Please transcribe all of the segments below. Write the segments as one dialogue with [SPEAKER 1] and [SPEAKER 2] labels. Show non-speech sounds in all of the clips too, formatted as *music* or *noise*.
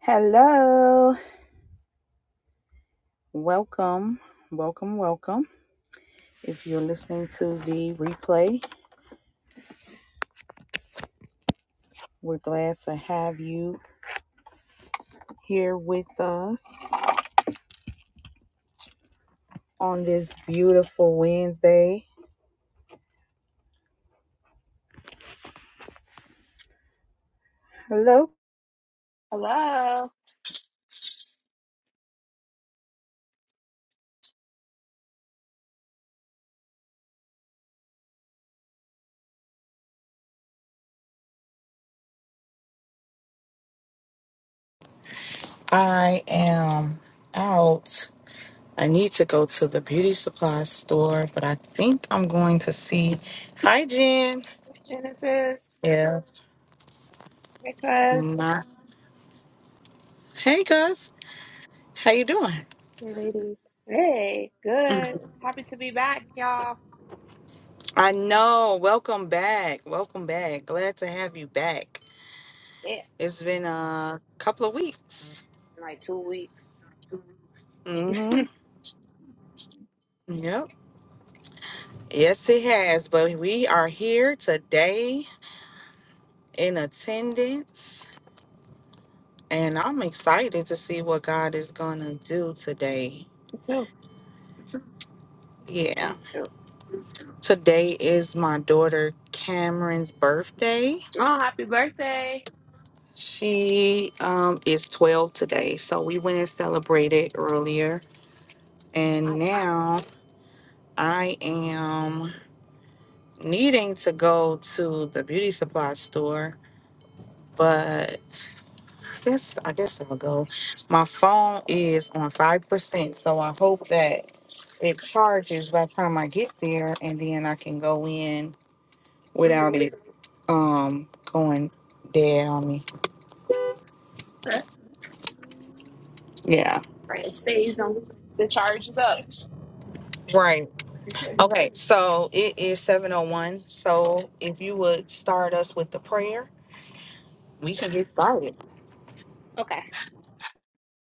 [SPEAKER 1] Hello, welcome, welcome, welcome. If you're listening to the replay, we're glad to have you here with us on this beautiful Wednesday. Hello,
[SPEAKER 2] Hello,
[SPEAKER 1] I am out. I need to go to the beauty supply store, but I think I'm going to see. Hi, Jen.
[SPEAKER 2] Genesis,
[SPEAKER 1] Yes.
[SPEAKER 2] because
[SPEAKER 1] My... Hey, Gus. How you doing?
[SPEAKER 3] Hey, ladies.
[SPEAKER 2] hey, good. Happy to be back, y'all.
[SPEAKER 1] I know. Welcome back. Welcome back. Glad to have you back.
[SPEAKER 2] Yeah,
[SPEAKER 1] It's been a couple of weeks.
[SPEAKER 2] in like two weeks. *laughs*
[SPEAKER 1] hmm Yep. Yes, it has. But we are here today in attendance, and I'm excited to see what God is going to do today.
[SPEAKER 2] two,
[SPEAKER 1] Yeah.
[SPEAKER 2] me too.
[SPEAKER 1] Today is my daughter Cameron's birthday.
[SPEAKER 2] Oh, happy birthday!
[SPEAKER 1] She um, is 12 today. So we went and celebrated earlier. And
[SPEAKER 2] Nice.
[SPEAKER 1] now I am needing to go to the beauty supply store but I guess I guess I'll go. My phone is on five percent, so I hope that it charges by the time I get there, and then I can go in without
[SPEAKER 2] hmm
[SPEAKER 1] it um going dead on me.
[SPEAKER 2] Right,
[SPEAKER 1] Yeah.
[SPEAKER 2] it stays on the charge is up.
[SPEAKER 1] Right. Okay. So it is seven oh one. So if you would start us with the prayer, we can get started.
[SPEAKER 2] *laughs* okay,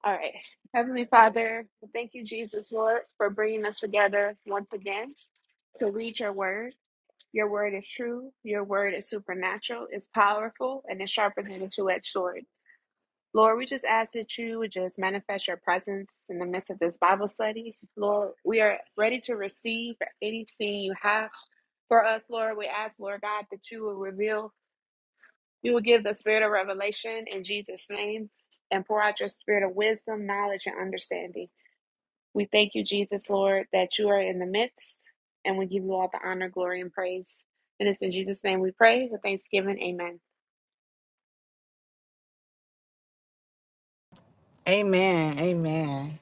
[SPEAKER 2] all right. Heavenly Father, thank you, Jesus, Lord, for bringing us together once again to read your word. Your word is true. Your word is supernatural. It's powerful, and it's sharper than a two-edged sword. Lord, we just ask that you would just manifest your presence in the midst of this Bible study. Lord, we are ready to receive anything you have for us, Lord. We ask, Lord God, that you will reveal, you will give the spirit of revelation in Jesus' name and pour out your spirit of wisdom, knowledge, and understanding. We thank you, Jesus, Lord, that you are in the midst and we give you all the honor, glory, and praise. And it's in Jesus' name we pray with thanksgiving. Amen.
[SPEAKER 1] Amen. Amen.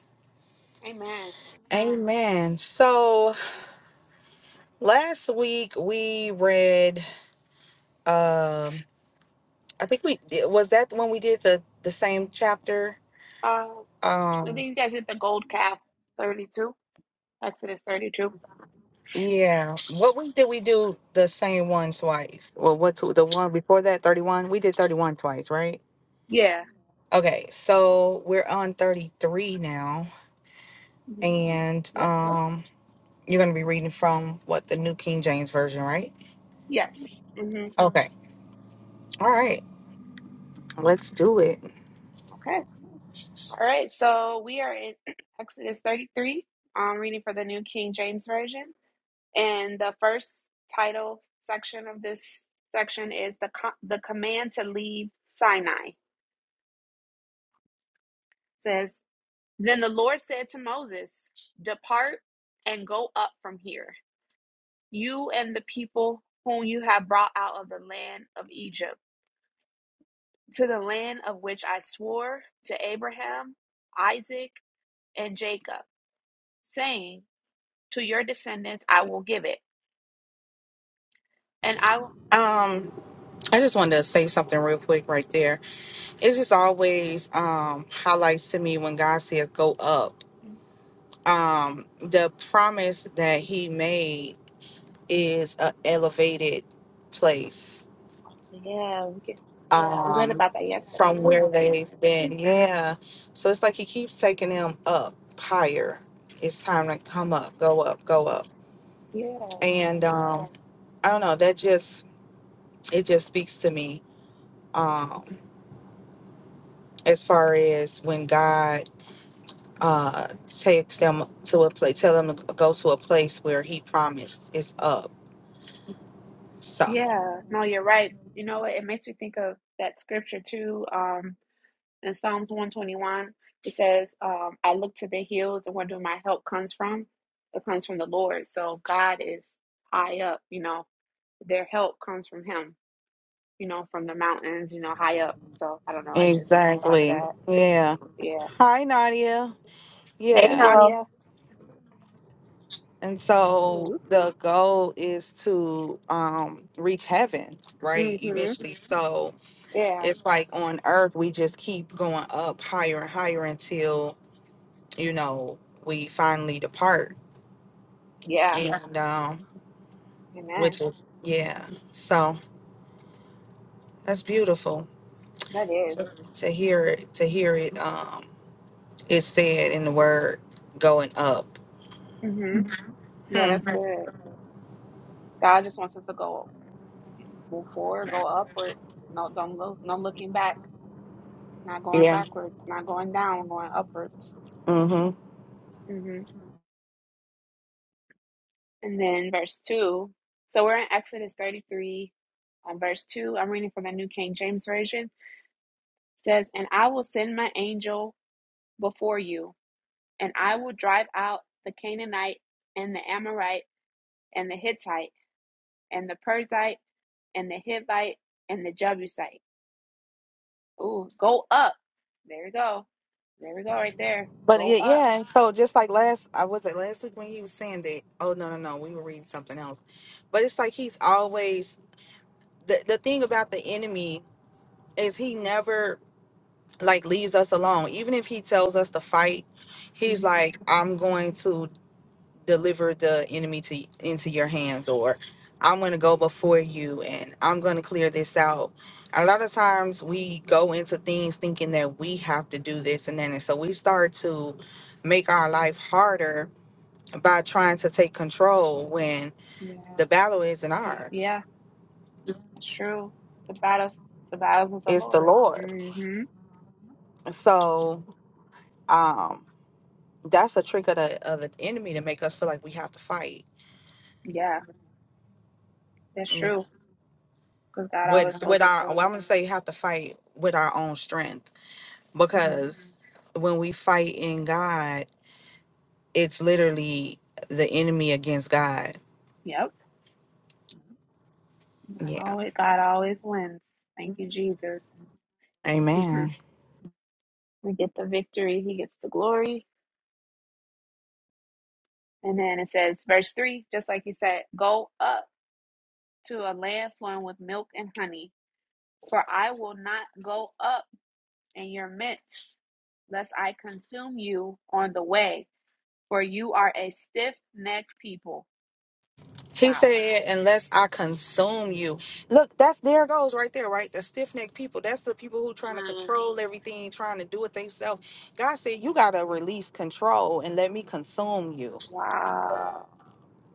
[SPEAKER 2] Amen.
[SPEAKER 1] Amen. So last week we read. um. I think we eh, was that when we did the the same chapter.
[SPEAKER 2] Uh, I think
[SPEAKER 1] Um,
[SPEAKER 2] you guys hit the gold calf 32. Exodus 32.
[SPEAKER 1] yeah. What week did we do the same one twice? Well, what's the one before that? Thirty one. We did thirty one twice, right?
[SPEAKER 2] Yeah.
[SPEAKER 1] Okay, so we're on thirty three now,
[SPEAKER 2] hmm
[SPEAKER 1] and
[SPEAKER 2] Yep.
[SPEAKER 1] um, you're gonna be reading from what the New King James Version, right?
[SPEAKER 2] Yes. hmm
[SPEAKER 1] Okay. All right. Let's do it.
[SPEAKER 2] Okay. All right. So we are in *clears throat* Exodus 33. I'm reading for the New King James Version. And the first title section of this section is the, co- the command to leave Sinai. It says, Then the Lord said to Moses, Depart and go up from here, you and the people whom you have brought out of the land of Egypt to the land of which I swore to Abraham, Isaac, and Jacob, saying, To your descendants I will give it. And I will.
[SPEAKER 1] Um, I just wanted to say something real quick right there. It just always um highlights to me when God says go up. um the promise that he made is a elevated place
[SPEAKER 2] Yeah, we can. Yeah, we read
[SPEAKER 1] um
[SPEAKER 2] about that yesterday
[SPEAKER 1] from
[SPEAKER 2] too.
[SPEAKER 1] where they've been yeah so it's like he keeps taking them up higher it's time to come up go up go up
[SPEAKER 2] Yeah,
[SPEAKER 1] and um i don't know that just it just speaks to me um as far as when god uh takes them to a place tell them to go to a place where he promised is up So,
[SPEAKER 2] yeah. No, you're right. You know what? It makes me think of that scripture too. Um, in Psalms 121, it says, um, "I look to the hills, and where do my help comes from? It comes from the Lord." So God is high up. You know, their help comes from Him. you know, from the mountains, you know, high up. So I don't know. I just thought of
[SPEAKER 1] Exactly.
[SPEAKER 2] that.
[SPEAKER 1] Yeah.
[SPEAKER 2] Yeah.
[SPEAKER 1] Hi, Nadia.
[SPEAKER 2] Hey,
[SPEAKER 4] Hey
[SPEAKER 1] Yeah.
[SPEAKER 4] y'all.
[SPEAKER 2] Nadia.
[SPEAKER 1] And so
[SPEAKER 2] Hello.
[SPEAKER 1] the goal is to um, reach heaven, right?
[SPEAKER 2] Mm-hmm.
[SPEAKER 1] Eventually. So
[SPEAKER 2] Yeah.
[SPEAKER 1] it's like on earth, we just keep going up higher and higher until, you know, we finally depart.
[SPEAKER 2] Yeah.
[SPEAKER 1] And um, which
[SPEAKER 2] Amen.
[SPEAKER 1] is, yeah. So that's beautiful
[SPEAKER 2] That is.
[SPEAKER 1] to hear it, to hear it. Um, it's said in the word going up.
[SPEAKER 2] Mm-hmm. Yeah,
[SPEAKER 1] Hmm.
[SPEAKER 2] that's good. God just wants us to go move forward, go upward. No, don't look. No looking back. Not going
[SPEAKER 1] Yeah.
[SPEAKER 2] backwards. Not going down. Going upwards. Mm-hmm. And then verse two. So we're in Exodus thirty-three, um, verse two. I'm reading from the New King James Version. It says, "And I will send my angel before you." and I will drive out the Canaanite and the Amorite and the Hittite and the Perizzite and the Hivite and the Jebusite. Ooh, go up. There we go. There we go right there.
[SPEAKER 1] But
[SPEAKER 2] Go
[SPEAKER 1] yeah,
[SPEAKER 2] up.
[SPEAKER 1] yeah. And so just like last, I was it last week when he was saying that. Oh no, no, no. We were reading something else. But it's like he's always the the thing about the enemy is he never like leaves us alone. Even if he tells us to fight, he's
[SPEAKER 2] Mhm.
[SPEAKER 1] like, I'm going to deliver the enemy to into your hands or I'm going to go before you and I'm going to clear this out. A lot of times we go into things thinking that we have to do this and then and so we start to make our life harder by trying to take control when
[SPEAKER 2] Yeah.
[SPEAKER 1] the battle isn't ours.
[SPEAKER 2] Yeah, that's true. The battles the battles of the
[SPEAKER 1] It's the
[SPEAKER 2] Lord.
[SPEAKER 1] Lord.
[SPEAKER 2] mm hmm
[SPEAKER 1] So, um that's a trick of the, of the enemy to make us feel like we have to fight.
[SPEAKER 2] Yeah, that's true.
[SPEAKER 1] It's
[SPEAKER 2] Because God always
[SPEAKER 1] with
[SPEAKER 2] goes
[SPEAKER 1] with our well,
[SPEAKER 2] before
[SPEAKER 1] I'm
[SPEAKER 2] us.
[SPEAKER 1] gonna say have to fight with our own strength
[SPEAKER 2] hmm
[SPEAKER 1] because when we fight in God, it's literally the enemy against God.
[SPEAKER 2] Yep. God
[SPEAKER 1] Yeah.
[SPEAKER 2] always, God always wins. Thank you, Jesus. hmm
[SPEAKER 1] Amen.
[SPEAKER 2] We get the victory. He gets the glory. And then it says, verse 3, just like you said, go up to a land flowing with milk and honey, for I will not go up in your midst, lest I consume you on the way, for you are a stiff necked people.
[SPEAKER 1] He
[SPEAKER 2] Wow.
[SPEAKER 1] said, unless I consume you. Look, that's there it goes right there, right? The stiff necked people. That's the people who trying to
[SPEAKER 2] Mm.
[SPEAKER 1] control everything, trying to do it themselves. God said, You gotta release control and let me consume you.
[SPEAKER 2] Wow.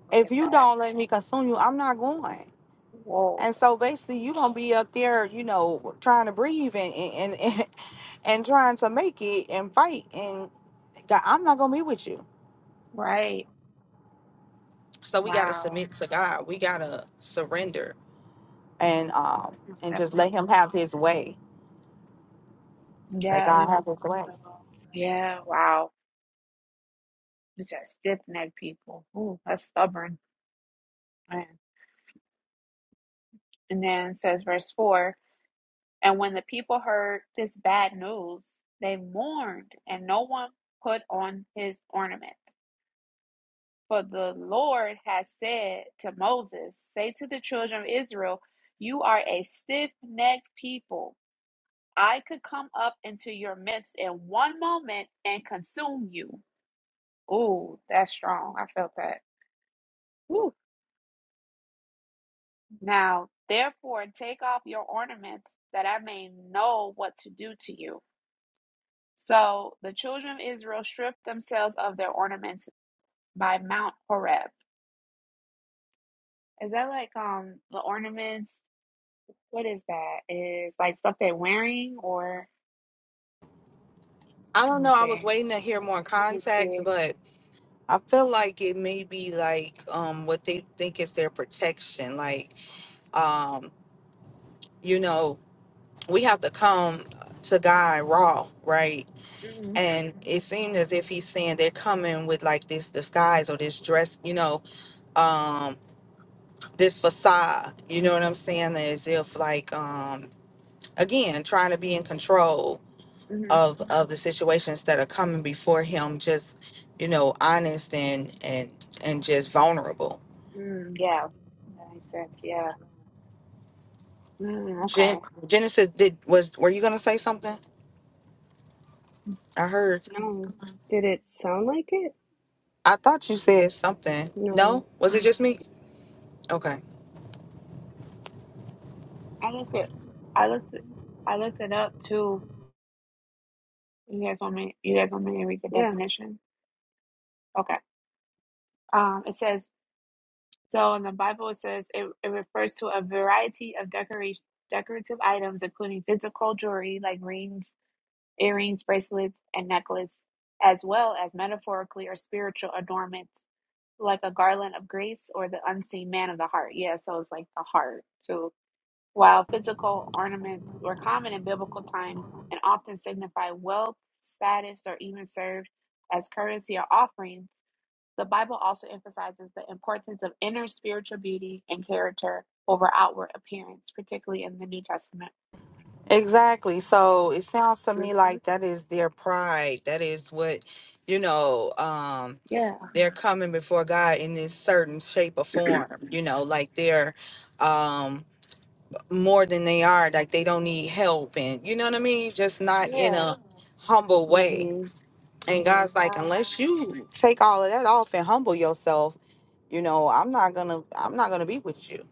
[SPEAKER 2] Look
[SPEAKER 1] If
[SPEAKER 2] at
[SPEAKER 1] you
[SPEAKER 2] that.
[SPEAKER 1] don't let me consume you, I'm not going.
[SPEAKER 2] Whoa.
[SPEAKER 1] And so basically, you gonna be up there, you know, trying to breathe and and and, *laughs* and trying to make it and fight. And God, I'm not gonna be with you.
[SPEAKER 2] Right.
[SPEAKER 1] So we gotta
[SPEAKER 2] Wow.
[SPEAKER 1] submit to God. We gotta surrender and um
[SPEAKER 2] Most
[SPEAKER 1] and just let
[SPEAKER 2] definitely.
[SPEAKER 1] Him have His way. Let
[SPEAKER 2] Yeah, we
[SPEAKER 1] God have
[SPEAKER 2] must.
[SPEAKER 1] His way.
[SPEAKER 2] Yeah, wow. We just stiff necked people. Ooh, that's stubborn. man. And then says verse 4 And when the people heard this bad news, they mourned, and no one put on his ornament. For the Lord has said to Moses, Say to the children of Israel, You are a stiff necked people. I could come up into your midst in one moment and consume you. Ooh, that's strong. I felt that. Woo. Now, therefore, take off your ornaments that I may know what to do to you. So the children of Israel stripped themselves of their ornaments by Mount Horeb. Is that like um the ornaments? What is that? Is like stuff they're wearing or
[SPEAKER 1] I
[SPEAKER 2] let
[SPEAKER 1] don't
[SPEAKER 2] me
[SPEAKER 1] know. I was
[SPEAKER 2] see.
[SPEAKER 1] waiting to hear more
[SPEAKER 2] Let me
[SPEAKER 1] contacts,
[SPEAKER 2] see.
[SPEAKER 1] but I feel like it may be like um what they think is their protection. Like um you know we have to come to God raw, right?
[SPEAKER 2] Mm-hmm,
[SPEAKER 1] and it seemed as if he's saying they're coming with like this disguise or this dress you know um this facade you know what i'm saying as if like um again trying to be in control
[SPEAKER 2] mm-hmm,
[SPEAKER 1] of of the situations that are coming before him just you know honest and and and just vulnerable
[SPEAKER 2] mm, yeah, that makes sense. Yeah. Mm, okay.
[SPEAKER 1] Gen- genesis did was were you gonna say something i heard
[SPEAKER 3] No. Did it sound like it?
[SPEAKER 1] i thought you said something no
[SPEAKER 3] No.
[SPEAKER 1] was it just me Okay.
[SPEAKER 2] I looked it. I looked. It, I looked it up too. You guys want me? You guys want me to read the
[SPEAKER 3] Yeah.
[SPEAKER 2] definition? Okay. Um, it says So in the Bible, it says it, it refers to a variety of decoration, decorative items, including physical jewelry like rings, earrings, bracelets, and necklace, as well as metaphorically or spiritual adornments like a garland of grace or the unseen man of the heart. Yeah, so it's like the heart. So while physical ornaments were common in biblical times and often signify wealth, status, or even served as currency or offerings, the Bible also emphasizes the importance of inner spiritual beauty and character over outward appearance, particularly in the New Testament.
[SPEAKER 1] Exactly. So it sounds to
[SPEAKER 2] hmm
[SPEAKER 1] me like that is their pride. That is what, you know, um,
[SPEAKER 2] Yeah,
[SPEAKER 1] they're coming before God in this certain shape or form, you know, like they're um more than they are, like they don't need help and you know what I mean? Just not in
[SPEAKER 2] yeah,
[SPEAKER 1] a humble way.
[SPEAKER 3] Mm-hmm.
[SPEAKER 1] And God's like,
[SPEAKER 2] right,
[SPEAKER 1] unless you take all of that off and humble yourself, you know, I'm not gonna I'm not gonna be with you.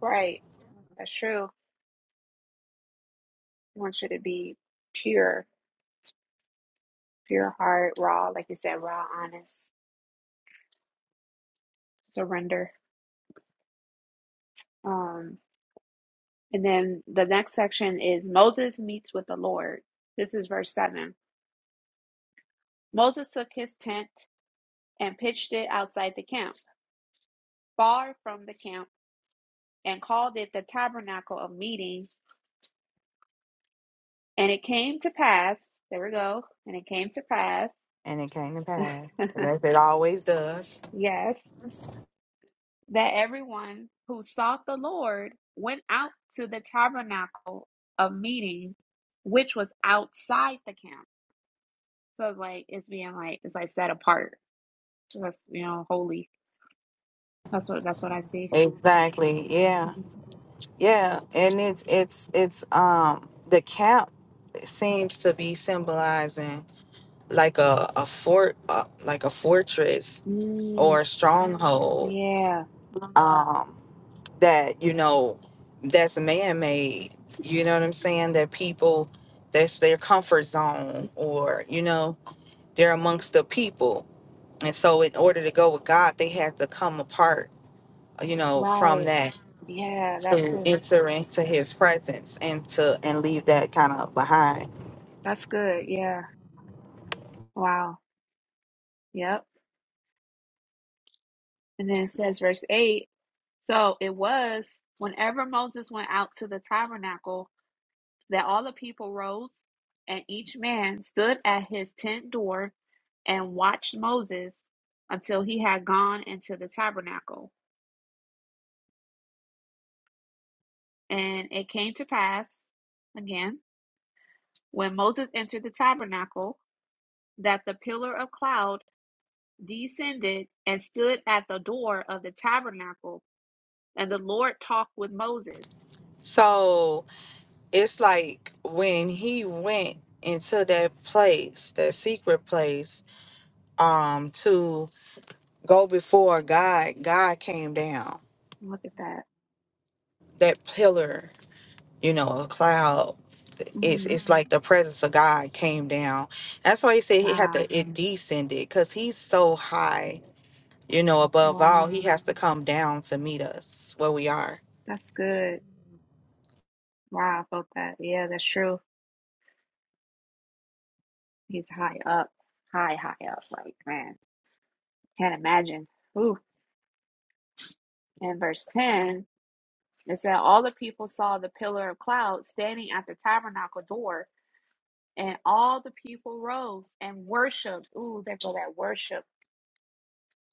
[SPEAKER 2] right. That's true. He wants you to be pure, pure heart, raw, like you said, raw, honest, surrender. Um, and then the next section is Moses meets with the Lord. This is verse seven. Moses took his tent and pitched it outside the camp, far from the camp and called it the tabernacle of meeting. And it came to pass, there we go, and it came to pass,
[SPEAKER 1] And it came to pass.
[SPEAKER 2] *laughs*
[SPEAKER 1] As it always does.
[SPEAKER 2] yes, that everyone who sought the Lord went out to the tabernacle of meeting, which was outside the camp. So it's like it's being like it's like set apart, So that's, you know, holy. That's what that's what I see.
[SPEAKER 1] Exactly. Yeah.
[SPEAKER 2] Mhm.
[SPEAKER 1] Yeah, and it's it's it's um the cap seems to be symbolizing like a a fort uh, like a fortress
[SPEAKER 2] Mm,
[SPEAKER 1] or a stronghold
[SPEAKER 2] yeah,
[SPEAKER 1] um that you know that's man made. You know what I'm saying? That people that's their comfort zone or you know they're amongst the people, and so in order to go with God, they have to come apart. You know from
[SPEAKER 2] right.
[SPEAKER 1] that
[SPEAKER 2] Yeah, that
[SPEAKER 1] to
[SPEAKER 2] too.
[SPEAKER 1] enter into his presence and to and leave that kind of behind.
[SPEAKER 2] That's good. Yeah. Wow. Yep. And then it says, verse 8 So it was whenever Moses went out to the tabernacle that all the people rose, and each man stood at his tent door and watched Moses until he had gone into the tabernacle. And it came to pass, again, when Moses entered the tabernacle, that the pillar of cloud descended and stood at the door of the tabernacle, and the Lord talked with Moses.
[SPEAKER 1] So it's like when he went into that place, that secret place, um, to go before God, God came down.
[SPEAKER 2] Look at that.
[SPEAKER 1] That pillar, you know, a cloud. It's
[SPEAKER 2] Mhm.
[SPEAKER 1] it's like the presence of God came down. That's why he said he had
[SPEAKER 2] Wow.
[SPEAKER 1] to it descended because he's so high, you know, above all, he
[SPEAKER 2] Wow.
[SPEAKER 1] has to come down to meet us where we are
[SPEAKER 2] That's good. Wow, I felt that. Yeah, that's true. He's high up. High, high up. Like, man, can't imagine. Ooh. And verse 10, it said, All the people saw the pillar of cloud standing at the tabernacle door, and all the people rose and worshiped. Ooh, there go that worship.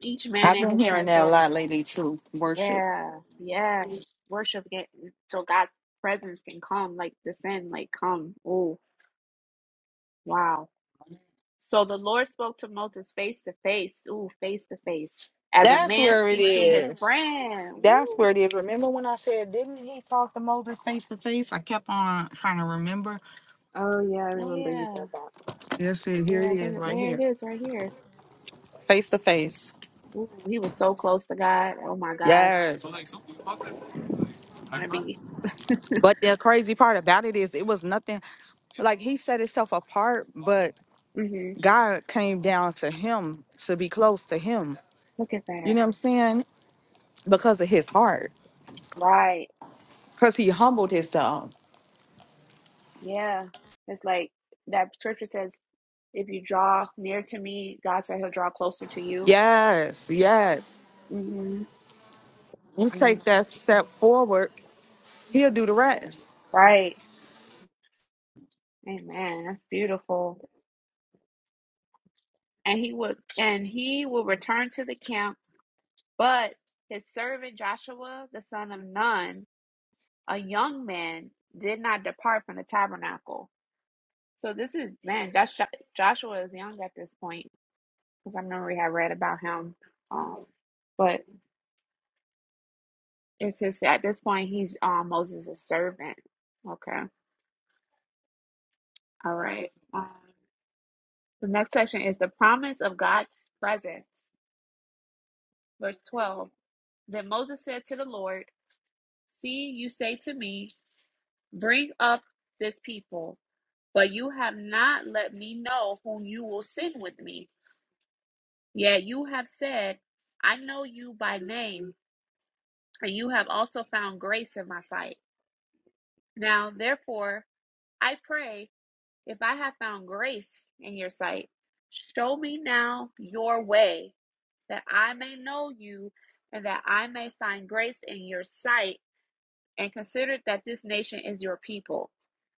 [SPEAKER 2] Each man
[SPEAKER 1] I've
[SPEAKER 2] in
[SPEAKER 1] been
[SPEAKER 2] his
[SPEAKER 1] hearing
[SPEAKER 2] tent
[SPEAKER 1] that a
[SPEAKER 2] door.
[SPEAKER 1] lot lately, true worship.
[SPEAKER 2] Yeah, yeah. Worship get, so God's presence can come, like descend, like come. Ooh, wow. So the Lord spoke to Moses face to face. Ooh, face to face. As a
[SPEAKER 1] That's
[SPEAKER 2] man
[SPEAKER 1] where it
[SPEAKER 2] speaks to his
[SPEAKER 1] is.
[SPEAKER 2] friend.
[SPEAKER 1] That's
[SPEAKER 2] Ooh,
[SPEAKER 1] where it is. Remember when I said, didn't he talk to Moses face to face? I kept on trying to remember.
[SPEAKER 3] Oh, yeah, I
[SPEAKER 2] oh
[SPEAKER 3] remember you said
[SPEAKER 2] yeah.
[SPEAKER 3] that.
[SPEAKER 1] Yes, it- here it
[SPEAKER 2] Yeah,
[SPEAKER 1] is
[SPEAKER 2] there,
[SPEAKER 1] right
[SPEAKER 2] there it
[SPEAKER 1] here.
[SPEAKER 2] is right here.
[SPEAKER 1] Face to face.
[SPEAKER 2] Ooh, he was so close to God. Oh my gosh.
[SPEAKER 1] Yes.
[SPEAKER 2] Ooh, I want to be.
[SPEAKER 1] But the crazy part about it is it was nothing like he set himself apart, but
[SPEAKER 2] hmm
[SPEAKER 1] God came down to him to be close to him.
[SPEAKER 2] Look at
[SPEAKER 1] You
[SPEAKER 2] that.
[SPEAKER 1] know what I'm saying? Because of his heart.
[SPEAKER 2] Right.
[SPEAKER 1] Because he humbled himself.
[SPEAKER 2] Yeah. It's like that scripture says, if you draw near to me, God said he'll draw closer to you.
[SPEAKER 1] Yes, yes.
[SPEAKER 2] hmm
[SPEAKER 1] You
[SPEAKER 2] Wow.
[SPEAKER 1] take that step forward, he'll do the rest.
[SPEAKER 2] Right. Amen. That's beautiful. And he would and he will return to the camp But his servant Joshua, the son of Nun, a young man, did not depart from the tabernacle. So this is man, Josh, Joshua is young at this point because I remember we had read about him. Um, but it's just at this point he's um, Moses' servant. Okay, all right. Um, the next section is the promise of God's presence. Verse twelve. Then Moses said to the Lord, "See, you say to me, bring up this people." but you have not let me know whom you will send with me. Yet you have said, I know you by name, and you have also found grace in my sight. Now, therefore, I pray, if I have found grace in your sight, show me now your way, that I may know you, and that I may find grace in your sight, and consider that this nation is your people.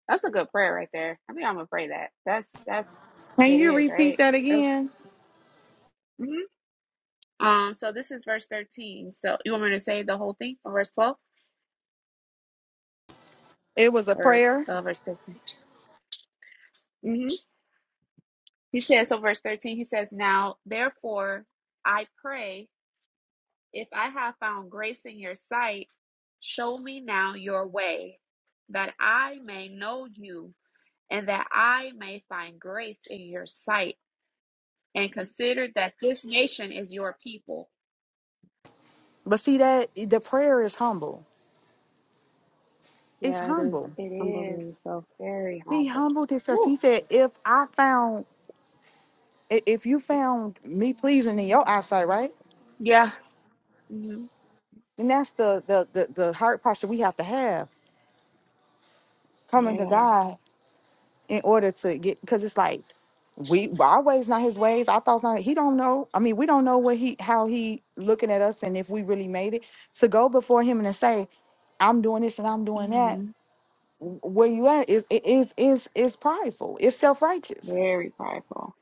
[SPEAKER 2] That's a good prayer right there. I think I'm gonna pray that. That's that's
[SPEAKER 1] Can
[SPEAKER 2] it
[SPEAKER 1] you
[SPEAKER 2] is
[SPEAKER 1] repeat
[SPEAKER 2] right.
[SPEAKER 1] that
[SPEAKER 2] That's,
[SPEAKER 1] again?
[SPEAKER 2] mhm. Um, so this is verse 13. So you want me to say the whole thing from verse 12
[SPEAKER 1] It was a
[SPEAKER 2] or
[SPEAKER 1] prayer.
[SPEAKER 2] uh, verse 13? hmm He says, so verse 13, he says, Now therefore I pray, if I have found grace in your sight, show me now your way, that I may know you and that I may find grace in your sight, and consider that this nation is your people.
[SPEAKER 1] But see that the prayer is humble. It's
[SPEAKER 3] Yeah, it is
[SPEAKER 1] humble.
[SPEAKER 2] It is
[SPEAKER 3] humbling yourself.
[SPEAKER 2] very
[SPEAKER 1] He
[SPEAKER 2] humble.
[SPEAKER 1] humbled himself.
[SPEAKER 2] Woo.
[SPEAKER 1] He said, if I found i- if you found me pleasing in your eyesight, right?
[SPEAKER 2] Yeah. hmm
[SPEAKER 1] And that's the the the, the heart posture we have to have coming to
[SPEAKER 2] Yeah.
[SPEAKER 1] God. in order to get because it's like we our ways not his ways our thoughts not he don't know i mean we don't know what he how he looking at us and if we really made it to go before him and to say i'm doing this and i'm doing
[SPEAKER 2] Mm-hmm.
[SPEAKER 1] that where you at is it is is is prideful it's self-righteous
[SPEAKER 2] Very prideful.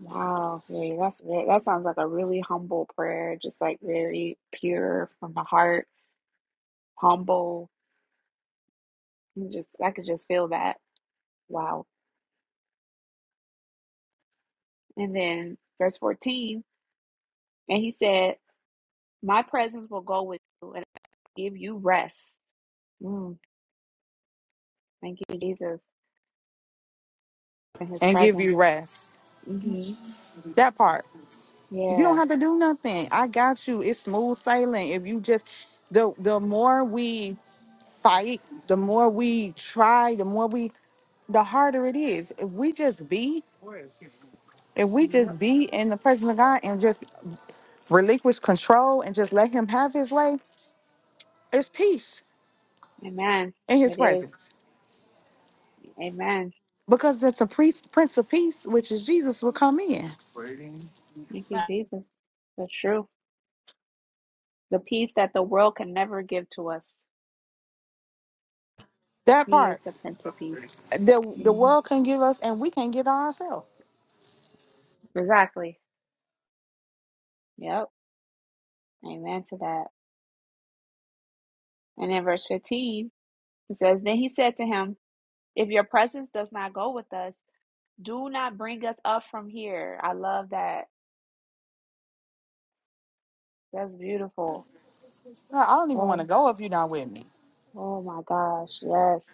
[SPEAKER 2] Wow. Yeah, that's ve- that sounds like a really humble prayer, just like very pure from the heart, humble. You Just I could just feel that. Wow. And then verse 14, and he said, "My presence will go with you and give you rest." Mm, thank you, Jesus, and His
[SPEAKER 1] and give
[SPEAKER 2] presence.
[SPEAKER 1] you rest
[SPEAKER 2] hmm
[SPEAKER 1] that part you don't
[SPEAKER 2] Yeah.
[SPEAKER 1] have to do nothing i got you it's smooth sailing if you just the the more we fight the more we try the more we the harder it is if we just be If we
[SPEAKER 2] Yep.
[SPEAKER 1] just be in the presence of God and just relinquish control and just let Him have His way, it's peace
[SPEAKER 2] Amen.
[SPEAKER 1] in His
[SPEAKER 2] It is.
[SPEAKER 1] presence.
[SPEAKER 2] Amen.
[SPEAKER 1] Because it's a priest, Prince of Peace, which is Jesus, will come in.
[SPEAKER 2] Thank you, Jesus. That's true. The peace that the world can never give to us.
[SPEAKER 1] That
[SPEAKER 2] He is
[SPEAKER 1] part,
[SPEAKER 2] the Prince of Peace.
[SPEAKER 1] the the
[SPEAKER 2] hmm
[SPEAKER 1] world can give us, and we can get ourselves.
[SPEAKER 2] Exactly. Yep. Amen to that. And in verse 15, it says, Then he said to him, If your presence does not go with us, do not bring us up from here. I love that. That's beautiful.
[SPEAKER 1] No, I don't even want
[SPEAKER 2] Oh,
[SPEAKER 1] to go if you're not with me.
[SPEAKER 2] oh my gosh. Yes.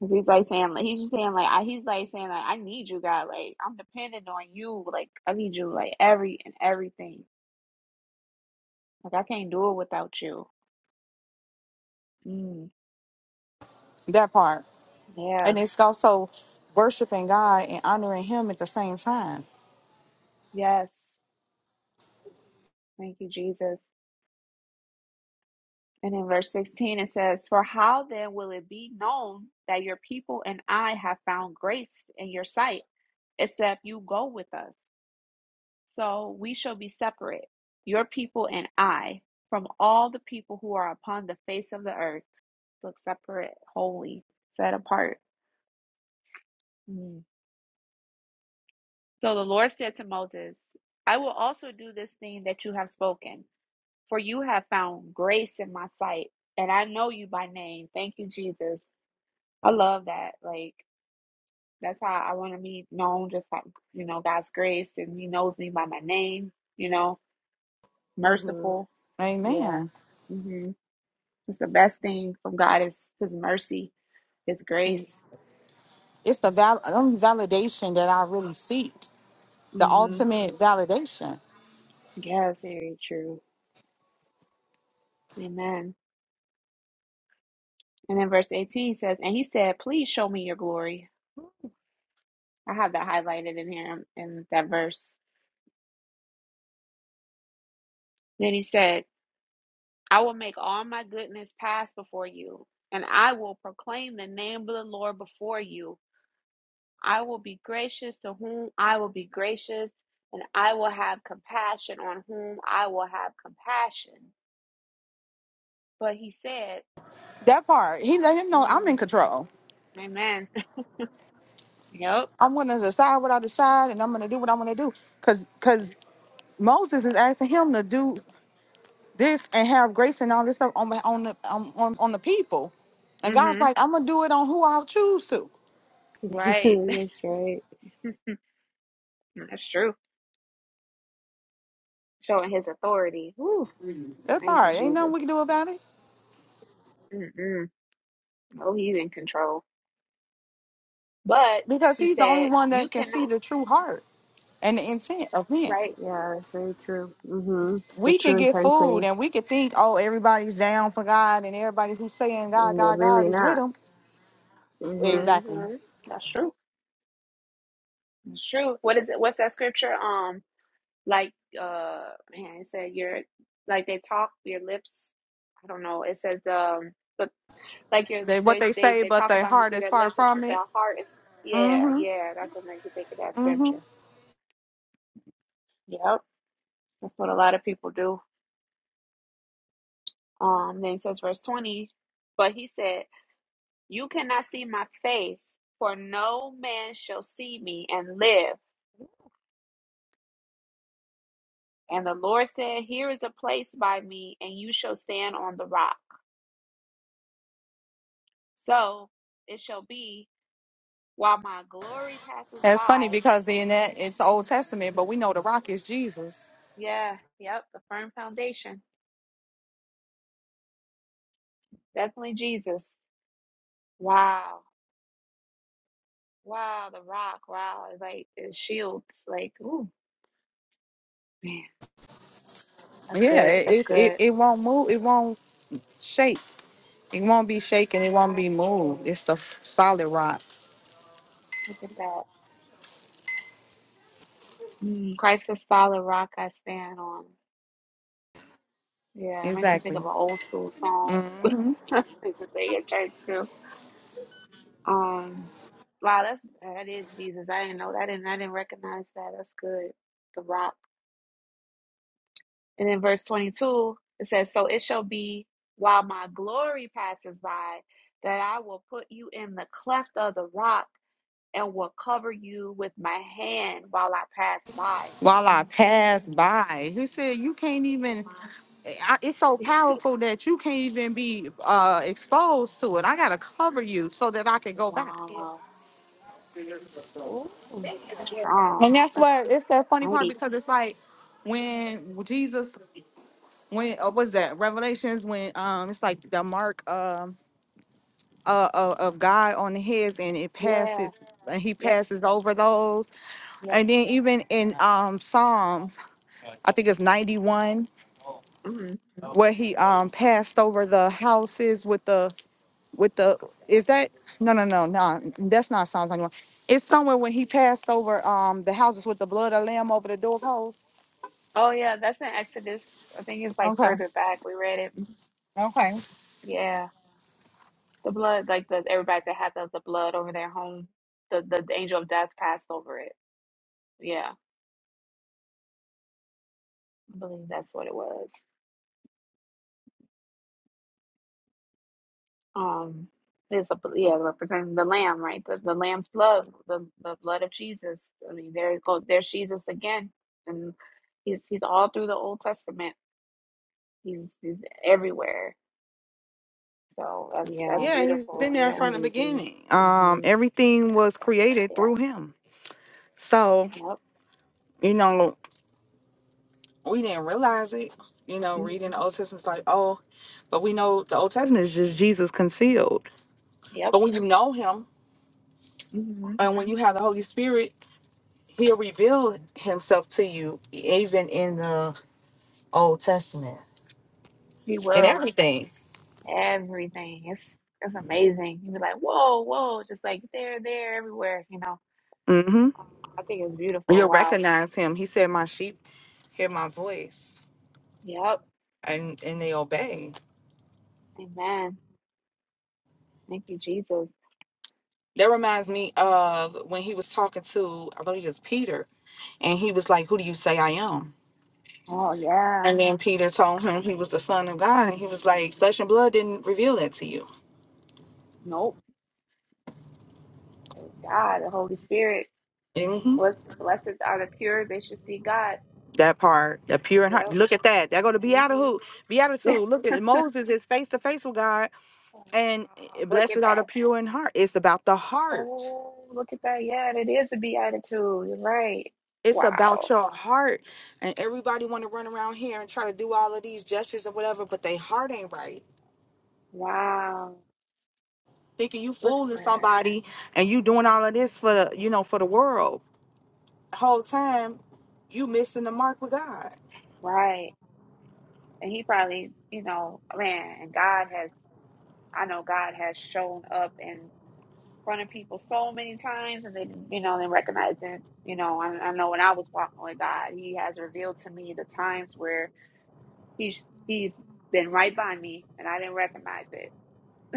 [SPEAKER 2] 'Cause He's like saying, like, he's just saying, like, I, he's like saying, like, I need you, God. Like, I'm dependent on you. Like, I need you, like, every and everything. Like, I can't do it without you. Mm,
[SPEAKER 1] That part,
[SPEAKER 2] yeah.
[SPEAKER 1] and it's also worshiping God and honoring Him at the same time.
[SPEAKER 2] Yes. Thank you, Jesus. And in verse 16, it says, For how then will it be known that your people and I have found grace in your sight, except you go with us? So we shall be separate, your people and I, from all the people who are upon the face of the earth. Look separate, holy, set apart. Mm. So the Lord said to Moses, I will also do this thing that you have spoken, for you have found grace in my sight, and I know you by name. Thank you, Jesus. I love that. Like that's how I want to be known, just like you know, God's grace, and He knows me by my name. You know,
[SPEAKER 3] Mm-hmm.
[SPEAKER 2] merciful. Yeah,
[SPEAKER 1] Amen.
[SPEAKER 2] hmm it's the best thing from God is His mercy, His grace.
[SPEAKER 1] It's the val- only validation that I really seek, the
[SPEAKER 2] hmm
[SPEAKER 1] ultimate validation.
[SPEAKER 2] Yes,
[SPEAKER 3] Very true.
[SPEAKER 2] Amen. And then verse eighteen says, "And He said, Please show me your glory." I have that highlighted in here um, in that verse. Then He said, "I will make all my goodness pass before you, and I will proclaim the name of the Lord before you." I will be gracious to whom I will be gracious, and I will have compassion on whom I will have compassion. But he said,
[SPEAKER 1] That part, he let him know I'm in
[SPEAKER 2] mm,
[SPEAKER 1] control.
[SPEAKER 2] Amen. *laughs* Yep.
[SPEAKER 1] I'm gonna decide what I decide, and I'm gonna do what I'm gonna do. Cause, cause Moses is asking him to do this and have grace and all this stuff on the- on the on on, on the people, and God's
[SPEAKER 2] Mm-hmm.
[SPEAKER 1] like, I'm gonna do it on who I choose to.
[SPEAKER 3] *laughs*
[SPEAKER 2] Right. *laughs*
[SPEAKER 3] That's right.
[SPEAKER 2] That's true. Showing his authority. Whew.
[SPEAKER 1] That
[SPEAKER 2] Thank you,
[SPEAKER 1] part ain't nothing
[SPEAKER 2] Jesus.
[SPEAKER 1] we can do about it
[SPEAKER 2] Mm-mm. Oh, he's in control. But
[SPEAKER 1] because
[SPEAKER 2] he
[SPEAKER 1] He's the only
[SPEAKER 2] said,
[SPEAKER 1] one
[SPEAKER 2] You
[SPEAKER 1] that can see
[SPEAKER 2] cannot,
[SPEAKER 1] the true heart and the intent of men.
[SPEAKER 2] right?
[SPEAKER 3] Yeah, it's very true. Mm-hmm. The
[SPEAKER 1] We can
[SPEAKER 3] true
[SPEAKER 1] get fooled
[SPEAKER 3] intentions,
[SPEAKER 1] and we can think, oh, everybody's down for God and everybody who's saying God,
[SPEAKER 3] and they're
[SPEAKER 1] God, God
[SPEAKER 3] really
[SPEAKER 1] is with
[SPEAKER 3] not.
[SPEAKER 1] them.
[SPEAKER 3] Mm-hmm.
[SPEAKER 1] Exactly.
[SPEAKER 2] Mm-hmm. That's true. That's true. What is it? What's that scripture? Um, like uh man it said your like they talk your lips i don't know it says um but like your
[SPEAKER 1] They what
[SPEAKER 2] they
[SPEAKER 1] they
[SPEAKER 2] they,
[SPEAKER 1] say,
[SPEAKER 2] they
[SPEAKER 1] but
[SPEAKER 2] talk
[SPEAKER 1] their
[SPEAKER 2] about me
[SPEAKER 1] heart
[SPEAKER 2] through
[SPEAKER 1] is
[SPEAKER 2] their
[SPEAKER 1] far
[SPEAKER 2] lips but
[SPEAKER 1] from
[SPEAKER 2] their
[SPEAKER 1] it.
[SPEAKER 2] heart is yeah
[SPEAKER 1] Mhm.
[SPEAKER 2] yeah that's what makes me think of that
[SPEAKER 1] Mhm.
[SPEAKER 2] scripture yep that's what a lot of people do um then it says verse 20 but he said you cannot see my face for no man shall see me and live and the lord said here is a place by me and you shall stand on the rock so it shall be while my glory passes
[SPEAKER 1] That's funny
[SPEAKER 2] by.
[SPEAKER 1] because in that it's the Old Testament, but we know the rock is Jesus.
[SPEAKER 2] Yeah, yep, the firm foundation. Definitely Jesus. Wow. Wow, the rock. Wow. it's Like it shields. Like, ooh, man, that's
[SPEAKER 1] Yeah,
[SPEAKER 2] good.
[SPEAKER 1] it,
[SPEAKER 2] That's
[SPEAKER 1] it's it,
[SPEAKER 2] good.
[SPEAKER 1] it won't move. It won't shake. It won't be shaken. It won't
[SPEAKER 2] Right.
[SPEAKER 1] be moved. It's a solid rock.
[SPEAKER 2] Look at that. Mm, Christ is solid rock I stand on. Yeah, it makes me think
[SPEAKER 1] Exactly.
[SPEAKER 2] of an old school song. *laughs* I Used to sing of church too. Um wow, that's that is Jesus. I didn't know that I didn't I didn't recognize that. That's good. The rock. And in verse 22, it says, So it shall be while my glory passes by that I will put you in the cleft of the rock and will cover you with my hand while I pass by.
[SPEAKER 1] While I
[SPEAKER 2] Mm,
[SPEAKER 1] pass by, he said, "You can't even I, it's so
[SPEAKER 2] Wow.
[SPEAKER 1] powerful that you can't even be uh, exposed to it. I gotta cover you so that I can
[SPEAKER 2] *laughs*
[SPEAKER 1] go back.
[SPEAKER 2] wow. Ooh, that's strong.
[SPEAKER 1] And that's
[SPEAKER 2] That's
[SPEAKER 1] what it's that funny part
[SPEAKER 2] mighty.
[SPEAKER 1] because it's like when Jesus, when uh, was that Revelations? When um, it's like the mark um uh, uh of God on the heads, and it
[SPEAKER 2] Yeah.
[SPEAKER 1] passes, and he
[SPEAKER 2] Yep.
[SPEAKER 1] passes over those.
[SPEAKER 2] Yep.
[SPEAKER 1] And then even in um Psalms, I think it's ninety one,
[SPEAKER 2] Mhm.
[SPEAKER 1] where he um passed over the houses with the with the is that no no no no that's not Psalms ninety one. It's somewhere when he passed over um the houses with the blood of lamb over the doorpost.
[SPEAKER 2] Oh, yeah. That's in Exodus. I think it's like
[SPEAKER 1] Okay.
[SPEAKER 2] further back. We read it. Mhm.
[SPEAKER 1] Okay.
[SPEAKER 2] Yeah. The blood, like the everybody that had the, the blood over their home, the, the the angel of death passed over it. Yeah, I believe that's what it was. Um, it's a yeah, representing the lamb, right? The the lamb's blood, the the blood of Jesus. I mean, there it goes. There's Jesus again, and he's he's all through the Old Testament. He's he's everywhere. So that's that's
[SPEAKER 3] Yeah,
[SPEAKER 1] Yeah, he's
[SPEAKER 2] beautiful.
[SPEAKER 1] been there
[SPEAKER 3] that's
[SPEAKER 2] Yeah,
[SPEAKER 1] from the
[SPEAKER 3] amazing.
[SPEAKER 1] beginning. Um,
[SPEAKER 3] Mm-hmm.
[SPEAKER 1] everything was created
[SPEAKER 2] yeah, yeah.
[SPEAKER 1] through him. So,
[SPEAKER 2] Yep.
[SPEAKER 1] you know, we didn't realize it, you know,
[SPEAKER 2] hmm
[SPEAKER 1] reading the Old Testament's like, oh, but we know the Old Testament is just Jesus concealed.
[SPEAKER 2] Yep.
[SPEAKER 1] But when you know him
[SPEAKER 2] hmm
[SPEAKER 1] and when you have the Holy Spirit, he'll reveal himself to you even in the Old Testament
[SPEAKER 2] He
[SPEAKER 1] and
[SPEAKER 2] will.
[SPEAKER 1] everything.
[SPEAKER 2] everything. It's it's amazing. you be like, whoa, whoa, just like there, there, everywhere, you know.
[SPEAKER 1] Mm-hmm.
[SPEAKER 2] I think it's beautiful.
[SPEAKER 1] You'll
[SPEAKER 2] Wow.
[SPEAKER 1] recognize him. He said, My sheep hear my voice
[SPEAKER 2] Yep.
[SPEAKER 1] and, and they obey.
[SPEAKER 2] Amen. Thank you, Jesus.
[SPEAKER 1] That reminds me of when he was talking to, I believe it was Peter, and he was like, Who do you say I am?
[SPEAKER 2] Oh yeah.
[SPEAKER 1] And then Peter told him he was the Son of God, and he was like, Flesh and blood didn't reveal that to you.
[SPEAKER 2] Nope. God, the Holy Spirit.
[SPEAKER 1] hmm
[SPEAKER 2] Blessed, blessed are the pure. They should see God.
[SPEAKER 1] That part, the pure in heart.
[SPEAKER 2] Yep.
[SPEAKER 1] Look at that. They're going to be out of
[SPEAKER 2] hmm *laughs*
[SPEAKER 1] who? Be out of
[SPEAKER 2] Wow,
[SPEAKER 1] two. Look at Moses is face to face with God, and eh,
[SPEAKER 2] look
[SPEAKER 1] blessed
[SPEAKER 2] at
[SPEAKER 1] are
[SPEAKER 2] that.
[SPEAKER 1] the pure in heart. It's about the heart.
[SPEAKER 2] Oh, look at that. Yeah, it is a beatitude. You're right.
[SPEAKER 1] It's about
[SPEAKER 2] Wow.
[SPEAKER 1] your heart. And everybody want to run around here and try to do all of these gestures or whatever, but their heart ain't right
[SPEAKER 2] Wow.
[SPEAKER 1] thinking you
[SPEAKER 2] Look at
[SPEAKER 1] fooling
[SPEAKER 2] that.
[SPEAKER 1] somebody and you doing all of this for the, you know for the world whole time you missing the mark with god
[SPEAKER 2] Right. And he probably, you know, man, and God has, I know God has shown up in front of people so many times and they, you know, they recognize it. You know, I, I know when I was walking with God, he has revealed to me the times where he's, he's been right by me and I didn't recognize it.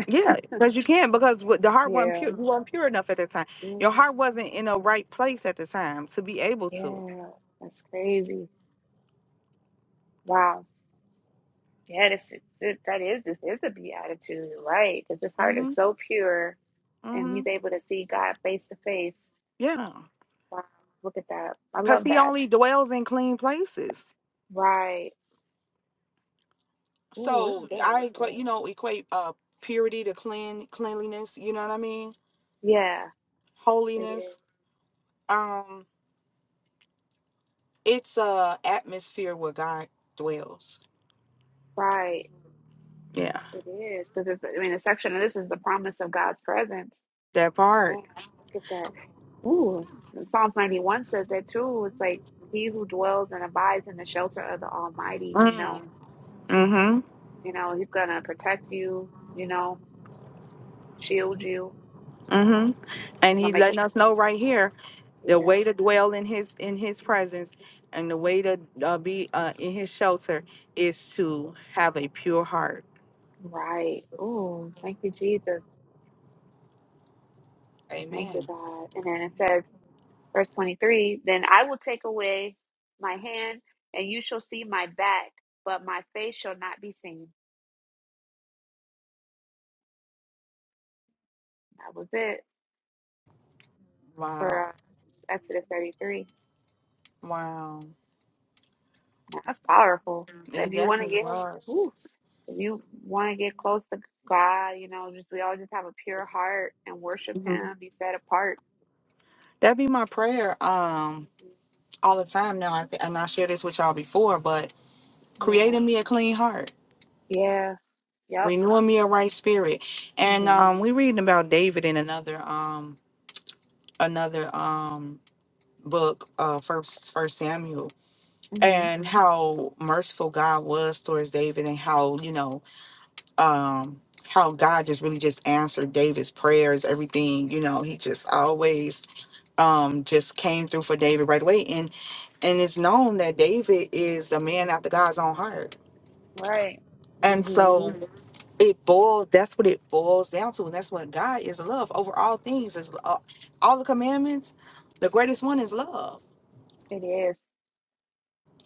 [SPEAKER 1] yeah because you can't because what- the heart wasn't
[SPEAKER 2] Yeah.
[SPEAKER 1] pure you weren't pure enough at the time
[SPEAKER 2] hmm
[SPEAKER 1] your heart wasn't in a right place at the time to be able to
[SPEAKER 2] Yeah. That's crazy. Wow. Yeah, this is, this, that is, this is a beatitude, right? Because his heart
[SPEAKER 1] hmm
[SPEAKER 2] is so pure and
[SPEAKER 1] hmm
[SPEAKER 2] he's able to see God face to face
[SPEAKER 1] yeah
[SPEAKER 2] Wow, look at that. I
[SPEAKER 1] because
[SPEAKER 2] love
[SPEAKER 1] he
[SPEAKER 2] that.
[SPEAKER 1] only dwells in clean places
[SPEAKER 2] Right. Ooh, it's
[SPEAKER 1] so i equate
[SPEAKER 2] good.
[SPEAKER 1] you know equate uh purity to clean cleanliness you know what i mean
[SPEAKER 2] Yeah. Yeah, it is.
[SPEAKER 1] holiness um it's a atmosphere where god dwells
[SPEAKER 2] Right.
[SPEAKER 1] Yeah,
[SPEAKER 2] It is. Because it's, I mean, a section of this is the promise of God's presence.
[SPEAKER 1] that part.
[SPEAKER 2] Man, look at that. Ooh, and Psalms 91 says that too. It's like he who dwells and abides in the shelter of the Almighty, you know,
[SPEAKER 1] Mm. Mm-hmm.
[SPEAKER 2] you know, he's gonna protect you, you know, shield you,
[SPEAKER 1] Mm-hmm. And
[SPEAKER 2] you know,
[SPEAKER 1] he's
[SPEAKER 2] make
[SPEAKER 1] letting
[SPEAKER 2] it.
[SPEAKER 1] us know right here the
[SPEAKER 2] Yeah,
[SPEAKER 1] way to dwell in his in his presence and the way to uh, be uh, in his shelter is to have a pure heart.
[SPEAKER 2] right. Ooh, thank you, Jesus. Thank you,
[SPEAKER 1] Amen.
[SPEAKER 2] God. And then it says, verse 23 then i will take away my hand and you shall see my back but my face shall not be seen that was it for
[SPEAKER 1] Wow.
[SPEAKER 2] uh, exodus 33
[SPEAKER 1] Wow.
[SPEAKER 2] Now, that's powerful if
[SPEAKER 1] It
[SPEAKER 2] you want to
[SPEAKER 1] definitely
[SPEAKER 2] get
[SPEAKER 1] was.
[SPEAKER 2] ooh, if you want to get close to god you know just we all just have a pure heart and worship
[SPEAKER 1] hmm
[SPEAKER 2] him be set apart
[SPEAKER 1] That be my prayer um
[SPEAKER 2] Mhm.
[SPEAKER 1] all the time now. I th- and I shared this with y'all before, but
[SPEAKER 2] yeah
[SPEAKER 1] creating me a clean heart,
[SPEAKER 2] yeah yep
[SPEAKER 1] renewing me a right spirit. And um
[SPEAKER 3] Mm-hmm.
[SPEAKER 1] we reading about David in another. um. another um book uh first first samuel
[SPEAKER 2] hmm
[SPEAKER 1] and how merciful god was towards david and how you know um how god just really just answered david's prayers everything you know he just always um just came through for david right away and and it's known that david is a man after god's own heart
[SPEAKER 2] right
[SPEAKER 1] and so
[SPEAKER 3] Mm-hmm.
[SPEAKER 1] it boils that's what it boils down to and that's what god is love over all things is uh, all the commandments the greatest one is love
[SPEAKER 2] it is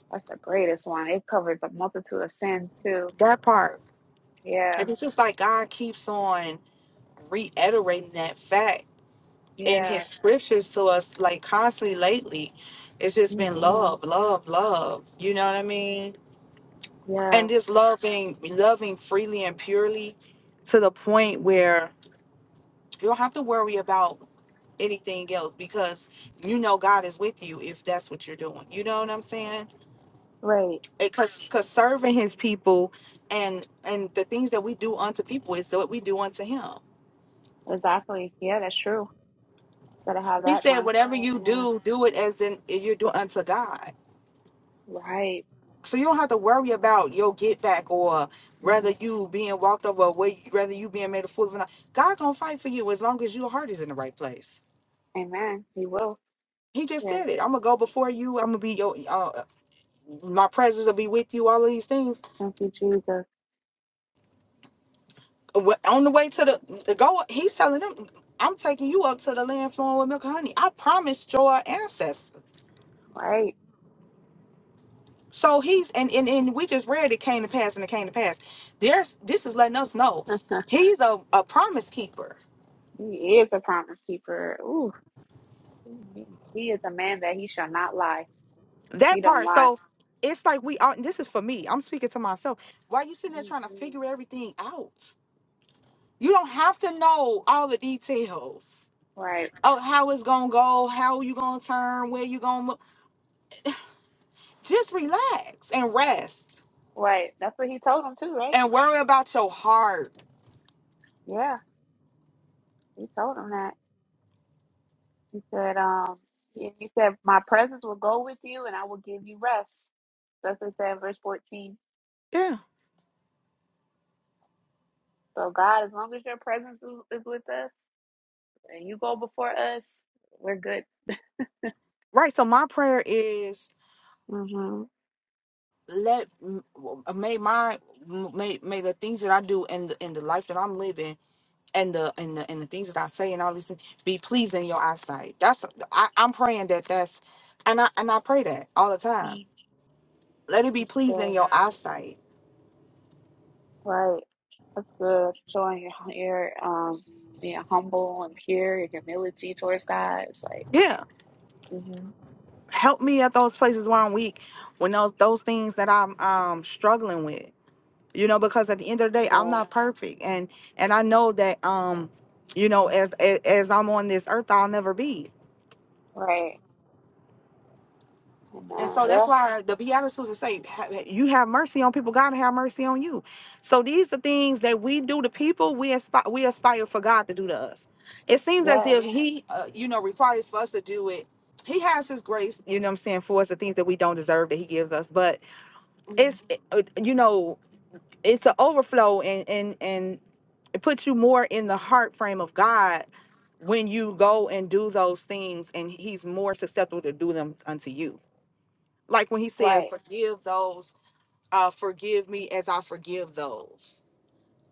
[SPEAKER 2] that's the greatest one it covers a multitude of sins too
[SPEAKER 1] That part.
[SPEAKER 2] yeah
[SPEAKER 1] And it's just like God keeps on reiterating that fact in his
[SPEAKER 2] yeah
[SPEAKER 1] scriptures to us like constantly lately. It's just been
[SPEAKER 2] hmm
[SPEAKER 1] love, love, love. You know what I mean?
[SPEAKER 2] Yeah,
[SPEAKER 1] And just loving loving freely and purely to the point where you don't have to worry about anything else because you know God is with you if that's what you're doing. You know what I'm saying?
[SPEAKER 2] right.
[SPEAKER 1] Because because serving his people and and the things that we do unto people is what we do unto him
[SPEAKER 2] Exactly. Yeah, that's true. Gotta have
[SPEAKER 1] He
[SPEAKER 2] that
[SPEAKER 1] said, whatever
[SPEAKER 2] mindset.
[SPEAKER 1] you
[SPEAKER 2] Yeah,
[SPEAKER 1] do, do it as in you're doing unto God.
[SPEAKER 2] right.
[SPEAKER 1] So you don't have to worry about your get back or whether
[SPEAKER 2] Mm.
[SPEAKER 1] you being walked over, or whe- whether you being made a fool of or not. God gonna fight for you as long as your heart is in the right place.
[SPEAKER 2] Amen. He will.
[SPEAKER 1] He just
[SPEAKER 2] Yeah.
[SPEAKER 1] said it. I'm gonna go before you. I'm gonna be your, uh, my presence will be with you. All of these things.
[SPEAKER 2] Thank you, Jesus.
[SPEAKER 1] Wh- On the way to the, the go, he's telling them, I'm taking you up to the land flowing with milk and honey. I promised your ancestors.
[SPEAKER 2] Right.
[SPEAKER 1] So he's and, and and we just read it came to pass and it came to pass. There's this is letting us know
[SPEAKER 2] *laughs*
[SPEAKER 1] he's a, a promise keeper.
[SPEAKER 2] he is a promise keeper. Ooh, he he is a man that he shall not lie. He
[SPEAKER 1] That
[SPEAKER 2] don't
[SPEAKER 1] part.
[SPEAKER 2] lie.
[SPEAKER 1] So it's like we are this is for me. I'm speaking to myself. Why you sitting there trying to
[SPEAKER 2] Mhm.
[SPEAKER 1] figure everything out? You don't have to know all the details
[SPEAKER 2] Right.
[SPEAKER 1] of how it's gonna go, how you gonna turn, where you gonna look. Just relax and rest
[SPEAKER 2] Right. That's what he told him too, right?
[SPEAKER 1] and worry about your heart.
[SPEAKER 2] Yeah. He told him that. He said, um, he he said, my presence will go with you and I will give you rest. That's what it said in verse 14
[SPEAKER 1] Yeah.
[SPEAKER 2] So God, as long as your presence is, is with us and you go before us, we're good.
[SPEAKER 1] Right. So my prayer is
[SPEAKER 2] Mhm.
[SPEAKER 1] let may my may may the things that I do and the in the life that I'm living and the and the and the things that I say and all these things be pleasing in your eyesight. That's I, I'm praying that that's and I and I pray that all the time.
[SPEAKER 2] Mm.
[SPEAKER 1] Let it be
[SPEAKER 2] That's
[SPEAKER 1] pleasing in
[SPEAKER 2] good.
[SPEAKER 1] your eyesight.
[SPEAKER 2] Right. That's good. Showing your your um being humble and pure, your humility towards God. It's like
[SPEAKER 1] Yeah,
[SPEAKER 2] hmm
[SPEAKER 1] help me at those places where I'm weak, when those those things that I'm um struggling with. You know, because at the end of the day, I'm
[SPEAKER 2] yeah.
[SPEAKER 1] not perfect, and and I know that um, you know,
[SPEAKER 2] Mhm.
[SPEAKER 1] as as, as I'm on this earth, I'll never be.
[SPEAKER 2] Right.
[SPEAKER 1] And
[SPEAKER 2] Amen.
[SPEAKER 1] so that's
[SPEAKER 2] Yeah.
[SPEAKER 1] why the Beatitudes say, "Ha- "You have mercy on people; God have mercy on you." So these are things that we do to people. We aspire, we aspire for God to do to us. It seems as
[SPEAKER 2] Yes.
[SPEAKER 1] if He, uh, you know, requires for us to do it. He has His grace, you know, what I'm saying for us the things that we don't deserve that He gives us. But
[SPEAKER 2] Mhm.
[SPEAKER 1] it's, uh, you know, it's an overflow, and and and it puts you more in the heart frame of God when you go and do those things, and He's more susceptible to do them unto you like when he said,
[SPEAKER 2] Right.
[SPEAKER 1] "Forgive those, uh, forgive me as I forgive those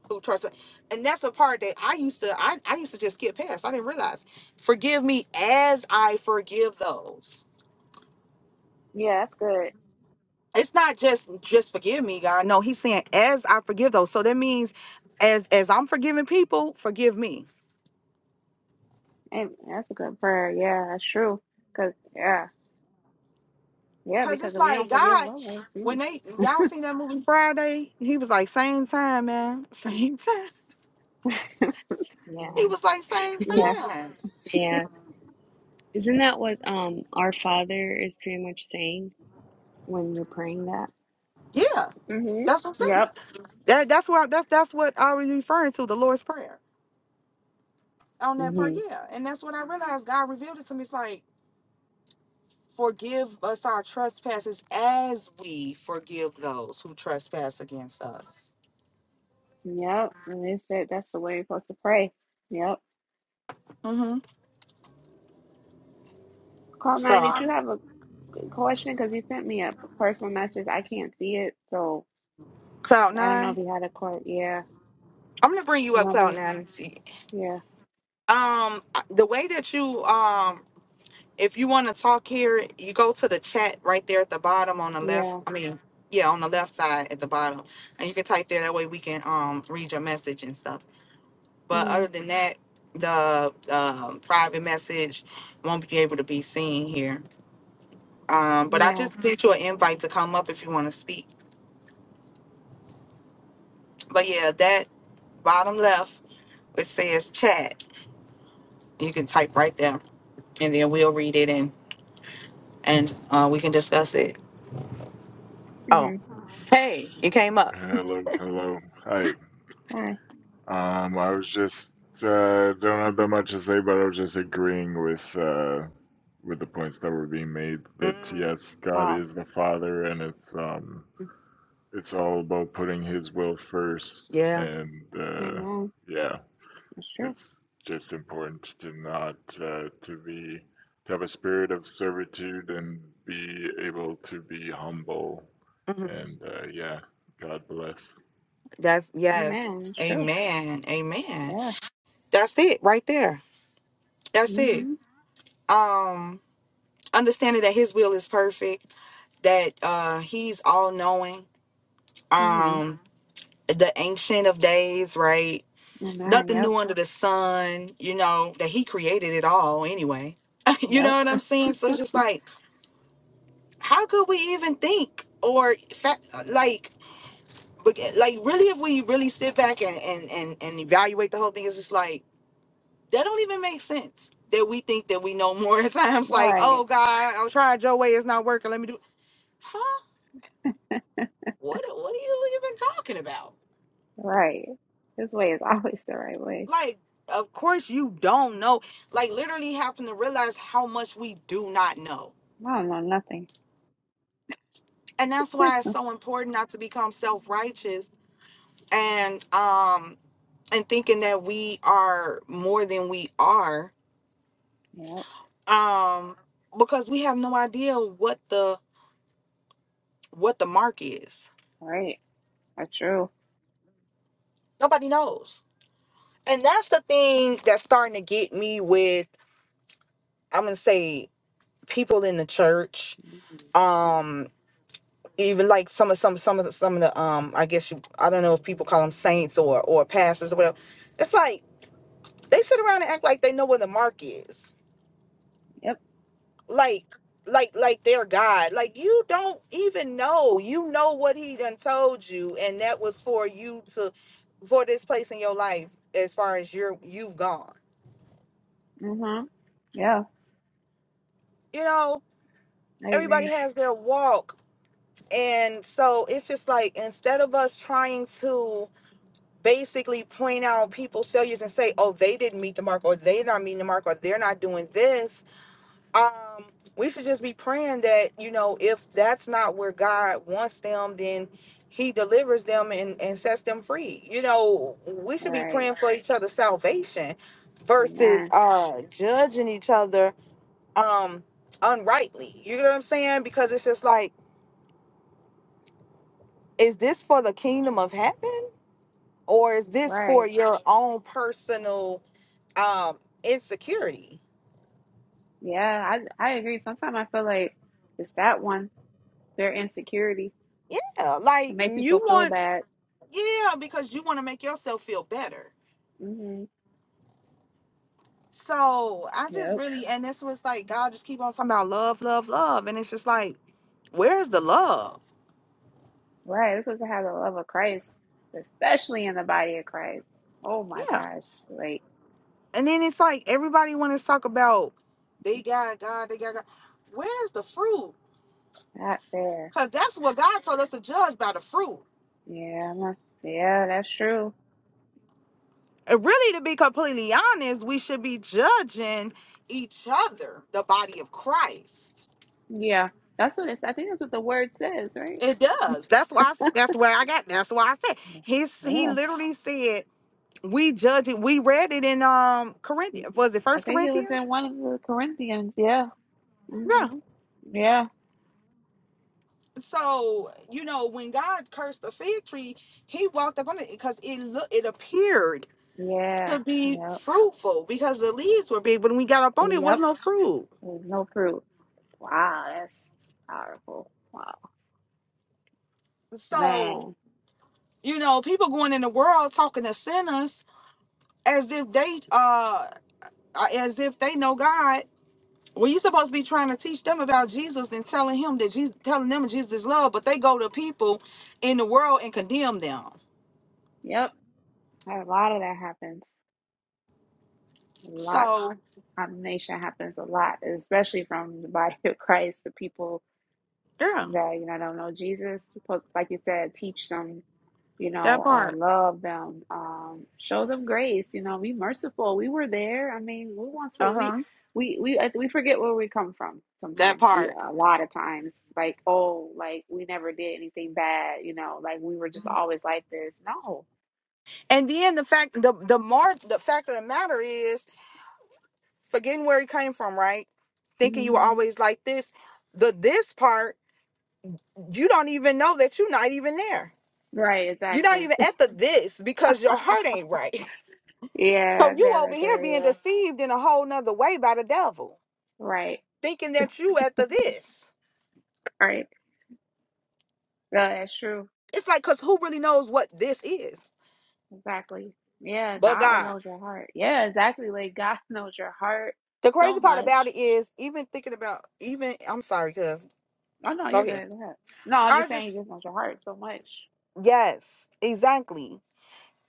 [SPEAKER 1] who trust." And that's the part that I used to, I, I used to just get past. I didn't realize, "Forgive me as I forgive those."
[SPEAKER 2] Yeah, that's good.
[SPEAKER 1] It's not just just forgive me, God. No, He's saying as I forgive those. So that means, as as I'm forgiving people, forgive me.
[SPEAKER 2] Amen. That's a good prayer. Yeah, that's true. Cause yeah. Yeah,
[SPEAKER 1] Cause
[SPEAKER 2] because
[SPEAKER 1] it's
[SPEAKER 2] if we
[SPEAKER 1] like
[SPEAKER 2] don't forgive
[SPEAKER 1] God,
[SPEAKER 2] others, *laughs*
[SPEAKER 1] when
[SPEAKER 2] yeah.
[SPEAKER 1] they y'all seen that movie Friday, he was like same time, man, *laughs* same time.
[SPEAKER 3] Yeah.
[SPEAKER 1] He was like same
[SPEAKER 2] yeah.
[SPEAKER 1] time.
[SPEAKER 3] Yeah. Isn't that what um our Father is pretty much saying when you're praying that?
[SPEAKER 1] Yeah,
[SPEAKER 2] Mhm.
[SPEAKER 1] that's what I'm saying.
[SPEAKER 2] Yep.
[SPEAKER 1] That that's where I, that's that's what I was referring to the Lord's prayer on that part. Yeah, and that's when I realized God revealed it to me. It's like forgive us our trespasses as we forgive those who trespass against us.
[SPEAKER 2] Yep, and they said that's the way you're supposed to pray. Yep.
[SPEAKER 1] Mm-hmm.
[SPEAKER 2] Call nine. Did you
[SPEAKER 1] So
[SPEAKER 2] have a question? Because you sent me a personal message. I can't see it, so
[SPEAKER 1] cloud
[SPEAKER 2] I don't know if
[SPEAKER 1] nine,
[SPEAKER 2] you had a call. Yeah,
[SPEAKER 1] I'm gonna bring you
[SPEAKER 2] I
[SPEAKER 1] up
[SPEAKER 2] love
[SPEAKER 1] cloud
[SPEAKER 2] you.
[SPEAKER 1] nine and see.
[SPEAKER 2] Yeah,
[SPEAKER 1] Um, the way that you um, if you want to talk here, you go to the chat right there at the bottom on the left.
[SPEAKER 2] yeah,
[SPEAKER 1] I mean, yeah, on the left side at the bottom, and you can type there. That way we can um read your message and stuff. But
[SPEAKER 2] mm-hmm.
[SPEAKER 1] other than that, the um, private message won't be able to be seen here. Um, but I
[SPEAKER 2] yeah,
[SPEAKER 1] just sent you an invite to come up if you want to speak. But yeah, that bottom left it says chat. You can type right there, and then we'll read it and and uh, we can discuss it. Oh,
[SPEAKER 2] mm-hmm.
[SPEAKER 1] hey, you came up.
[SPEAKER 5] Hello, hello. Hi.
[SPEAKER 2] Bye.
[SPEAKER 5] Um, I was just uh, don't have that much to say, but I was just agreeing with uh, with the points that were being made that
[SPEAKER 1] Mm,
[SPEAKER 5] yes, God
[SPEAKER 2] Wow.
[SPEAKER 5] is the Father, and it's um, it's all about putting His will first,
[SPEAKER 1] yeah.
[SPEAKER 5] and uh,
[SPEAKER 2] Amen.
[SPEAKER 5] yeah,
[SPEAKER 2] That's true.
[SPEAKER 5] it's just important to not uh, to be to have a spirit of servitude and be able to be humble,
[SPEAKER 1] hmm
[SPEAKER 5] and uh, yeah, God bless.
[SPEAKER 1] That's yes.
[SPEAKER 2] Amen. That's true.
[SPEAKER 1] Amen. Amen.
[SPEAKER 2] Yeah.
[SPEAKER 1] That's it right there. That's it.
[SPEAKER 2] Mm-hmm.
[SPEAKER 1] Um, understanding that His will is perfect that uh he's all knowing
[SPEAKER 2] Mm-hmm.
[SPEAKER 1] um the ancient of days right
[SPEAKER 2] Amen.
[SPEAKER 1] nothing
[SPEAKER 2] Yep.
[SPEAKER 1] new under the sun you know that he created it all anyway *laughs* you
[SPEAKER 2] Yep.
[SPEAKER 1] know what
[SPEAKER 2] *laughs*
[SPEAKER 1] i'm saying so it's just like how could we even think or fa- like but- like really if we really sit back and and and, and evaluate the whole thing it's just like that don't even make sense that we think that we know more *laughs* at times like
[SPEAKER 2] Right.
[SPEAKER 1] oh god i tried your way it's not working let me do huh what what are you even talking about
[SPEAKER 2] Right. This way is *laughs* always the right way.
[SPEAKER 1] like of course you don't know like literally having to realize how much we do not know
[SPEAKER 2] I don't know nothing. *laughs*
[SPEAKER 1] and that's why it's so important not to become self-righteous and um and thinking that we are more than we are
[SPEAKER 2] Yep.
[SPEAKER 1] um because we have no idea what the what the mark is
[SPEAKER 2] Right. That's true.
[SPEAKER 1] nobody knows and that's the thing that's starting to get me with i'm gonna say people in the church
[SPEAKER 2] Mm.
[SPEAKER 1] um. even like some of some some of the some of the um I guess you I don't know if people call them saints or or pastors or whatever. It's like they sit around and act like they know where the mark is.
[SPEAKER 2] Yep.
[SPEAKER 1] Like like like their God. Like you don't even know. You know what he done told you and that was for you to for this place in your life as far as you're you've gone.
[SPEAKER 2] Mm-hmm. Yeah,
[SPEAKER 1] You know,
[SPEAKER 2] I
[SPEAKER 1] everybody
[SPEAKER 2] agree.
[SPEAKER 1] has their walk. And so it's just like instead of us trying to basically point out people's failures and say, oh, they didn't meet the mark or they're not meeting the mark or they're not doing this, um, we should just be praying that, you know, if that's not where God wants them, then he delivers them and, and sets them free. You know, we
[SPEAKER 2] All
[SPEAKER 1] should be
[SPEAKER 2] right.
[SPEAKER 1] praying for each other's salvation versus
[SPEAKER 2] Amen.
[SPEAKER 1] uh judging each other um unrightly. You know what I'm saying? Because it's just like, is this for the kingdom of heaven? Or is this
[SPEAKER 2] Right.
[SPEAKER 1] for your own personal? um insecurity.
[SPEAKER 2] Yeah, I I agree. Sometimes I feel like it's that one, their insecurity
[SPEAKER 1] Yeah,
[SPEAKER 2] to
[SPEAKER 1] like
[SPEAKER 2] make
[SPEAKER 1] you
[SPEAKER 2] people feel
[SPEAKER 1] want
[SPEAKER 2] bad.
[SPEAKER 1] Yeah, because you want to make yourself feel better.
[SPEAKER 2] Mm-hmm.
[SPEAKER 1] So I just
[SPEAKER 2] Yep.
[SPEAKER 1] really, and this was like God just keep on talking about love, love, love, and it's just like, where's the love?
[SPEAKER 2] Right. We're supposed to have the love of Christ, especially in the body of Christ. Oh my
[SPEAKER 1] yeah.
[SPEAKER 2] gosh. Like
[SPEAKER 1] And then it's like everybody want to talk about they got God, they got God. Where's the fruit?
[SPEAKER 2] not there.
[SPEAKER 1] Because that's what God told us to judge by the fruit.
[SPEAKER 2] Yeah, I'm not- yeah, that's true.
[SPEAKER 1] And really, to be completely honest, we should be judging each other, the body of Christ.
[SPEAKER 2] Yeah. That's what it's I think that's what the word says, right?
[SPEAKER 1] It does. That's why. I, s- that's where I got. That's why I said
[SPEAKER 2] Yeah.
[SPEAKER 1] he. He
[SPEAKER 2] Yeah.
[SPEAKER 1] literally said we judge it. We read it in um Corinthians. Was it
[SPEAKER 2] I
[SPEAKER 1] First
[SPEAKER 2] think it was
[SPEAKER 1] Corinthians?
[SPEAKER 2] in one of the Corinthians. Yeah.
[SPEAKER 1] Yeah.
[SPEAKER 2] hmm Yeah.
[SPEAKER 1] So you know when God cursed the fig tree, He walked up on it because it looked it appeared
[SPEAKER 2] Yeah.
[SPEAKER 1] to be
[SPEAKER 2] Yep.
[SPEAKER 1] fruitful because the leaves were Big. When we got up on it, it was
[SPEAKER 2] Yep.
[SPEAKER 1] no fruit.
[SPEAKER 2] There's no fruit. Wow, that's powerful. Wow,
[SPEAKER 1] so
[SPEAKER 2] man.
[SPEAKER 1] you know people going in the world talking to sinners as if they uh uh, as if they know God Well, you supposed to be trying to teach them about Jesus and telling him that Jesus telling them Jesus is love, but they go to people in the world and condemn them.
[SPEAKER 2] Yep. A lot of that happens. Lots.
[SPEAKER 1] So
[SPEAKER 2] Condemnation happens a lot, especially from the body of *laughs* Christ. The people
[SPEAKER 1] Yeah,
[SPEAKER 2] that you know don't know Jesus. Supposed, like you said, teach them you
[SPEAKER 1] that
[SPEAKER 2] know, uh,
[SPEAKER 1] part.
[SPEAKER 2] love them, um, show them grace, you know, be merciful. We were there. I mean, we once were
[SPEAKER 1] Uh
[SPEAKER 2] we,
[SPEAKER 1] huh.
[SPEAKER 2] we, we, I- we forget where we come from
[SPEAKER 1] that
[SPEAKER 2] sometimes. We,
[SPEAKER 1] part.
[SPEAKER 2] a lot of times, like, oh, like we never did anything bad, you know, like we were just always like this. No.
[SPEAKER 1] And then the fact the the more the fact of the matter is forgetting where he came from, right? Thinking you
[SPEAKER 2] hmm
[SPEAKER 1] were hmm always like this. The this part, you don't even know that you're not even there.
[SPEAKER 2] Right.
[SPEAKER 1] You're not
[SPEAKER 2] Exactly.
[SPEAKER 1] even
[SPEAKER 2] *laughs*
[SPEAKER 1] at the this because your heart ain't right.
[SPEAKER 2] Yeah.
[SPEAKER 1] So
[SPEAKER 2] That
[SPEAKER 1] you over
[SPEAKER 2] right
[SPEAKER 1] here
[SPEAKER 2] there.
[SPEAKER 1] being
[SPEAKER 2] Yeah.
[SPEAKER 1] deceived in a whole nother way by the devil.
[SPEAKER 2] Right.
[SPEAKER 1] thinking that you at the this.
[SPEAKER 2] Right. Yeah, that's true.
[SPEAKER 1] It's like, cause who really knows what this is?
[SPEAKER 2] Exactly. Yeah.
[SPEAKER 1] But
[SPEAKER 2] God
[SPEAKER 1] God.
[SPEAKER 2] knows your heart. Yeah. Exactly. Like God *laughs* knows your heart
[SPEAKER 1] The
[SPEAKER 2] so
[SPEAKER 1] crazy part
[SPEAKER 2] much.
[SPEAKER 1] about it is, even thinking about, even I'm sorry, cause
[SPEAKER 2] Oh no,
[SPEAKER 1] go
[SPEAKER 2] you're
[SPEAKER 1] ahead.
[SPEAKER 2] good. Go ahead. No, I'm just
[SPEAKER 1] I
[SPEAKER 2] saying he
[SPEAKER 1] just
[SPEAKER 2] just knows your heart so much.
[SPEAKER 1] yes, exactly.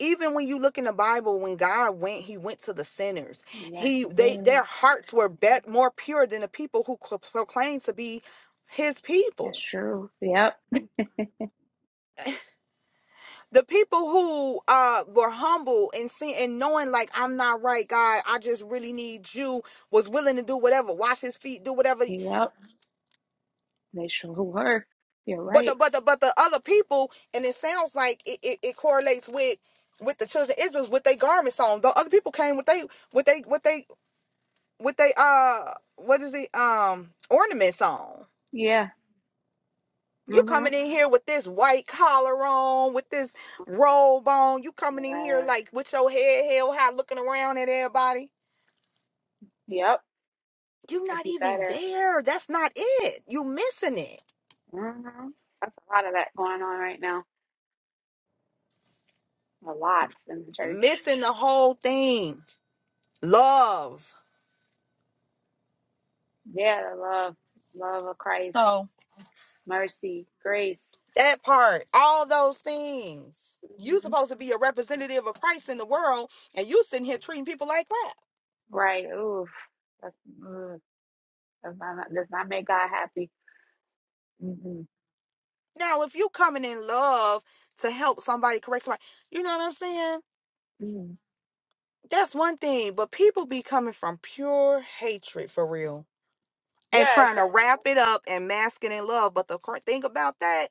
[SPEAKER 1] Even when you look in the Bible, when God went, He went to the sinners.
[SPEAKER 2] Yes,
[SPEAKER 1] He
[SPEAKER 2] he
[SPEAKER 1] they
[SPEAKER 2] did.
[SPEAKER 1] their hearts were bet more pure than the people who cl- proclaimed to be His people.
[SPEAKER 2] That's true. Yep.
[SPEAKER 1] the people who uh were humble and seeing and knowing like I'm not right, God, I just really need you, was willing to do whatever, wash his feet, do whatever.
[SPEAKER 2] Yep. They sure were. You're
[SPEAKER 1] But the
[SPEAKER 2] right.
[SPEAKER 1] but the but the other people, and it sounds like it, it, it correlates with with the children of Israel with their garments on. The other people came with they with they with they with they uh what is it um ornaments on.
[SPEAKER 2] Yeah.
[SPEAKER 1] You
[SPEAKER 2] Mm-hmm.
[SPEAKER 1] coming in here with this white collar on, with this robe on. You coming
[SPEAKER 2] You're
[SPEAKER 1] in here
[SPEAKER 2] right.
[SPEAKER 1] like with your head held high, looking around at everybody
[SPEAKER 2] Yep.
[SPEAKER 1] You're
[SPEAKER 2] Like
[SPEAKER 1] not
[SPEAKER 2] you
[SPEAKER 1] even
[SPEAKER 2] better.
[SPEAKER 1] there. That's not it. You missing it.
[SPEAKER 2] Mm-hmm. That's a lot of that going on right now. A lot in the church.
[SPEAKER 1] Missing the whole thing. Love.
[SPEAKER 2] Yeah, the love, love of Christ,
[SPEAKER 1] So
[SPEAKER 2] mercy, grace.
[SPEAKER 1] That part. All those things. You
[SPEAKER 2] Mm-hmm.
[SPEAKER 1] supposed to be a representative of Christ in the world and you sitting here treating people like crap.
[SPEAKER 2] Right. Oof. That's, ugh. that's not, does not make God happy. Mm-hmm.
[SPEAKER 1] Now if you coming in love to help somebody correct somebody, you know what I'm saying?
[SPEAKER 2] Mm-hmm.
[SPEAKER 1] That's one thing. But people be coming from pure hatred for real and
[SPEAKER 2] Yeah, it's
[SPEAKER 1] trying to
[SPEAKER 2] the
[SPEAKER 1] wrap it up and mask it in love. But the cr- thing about that,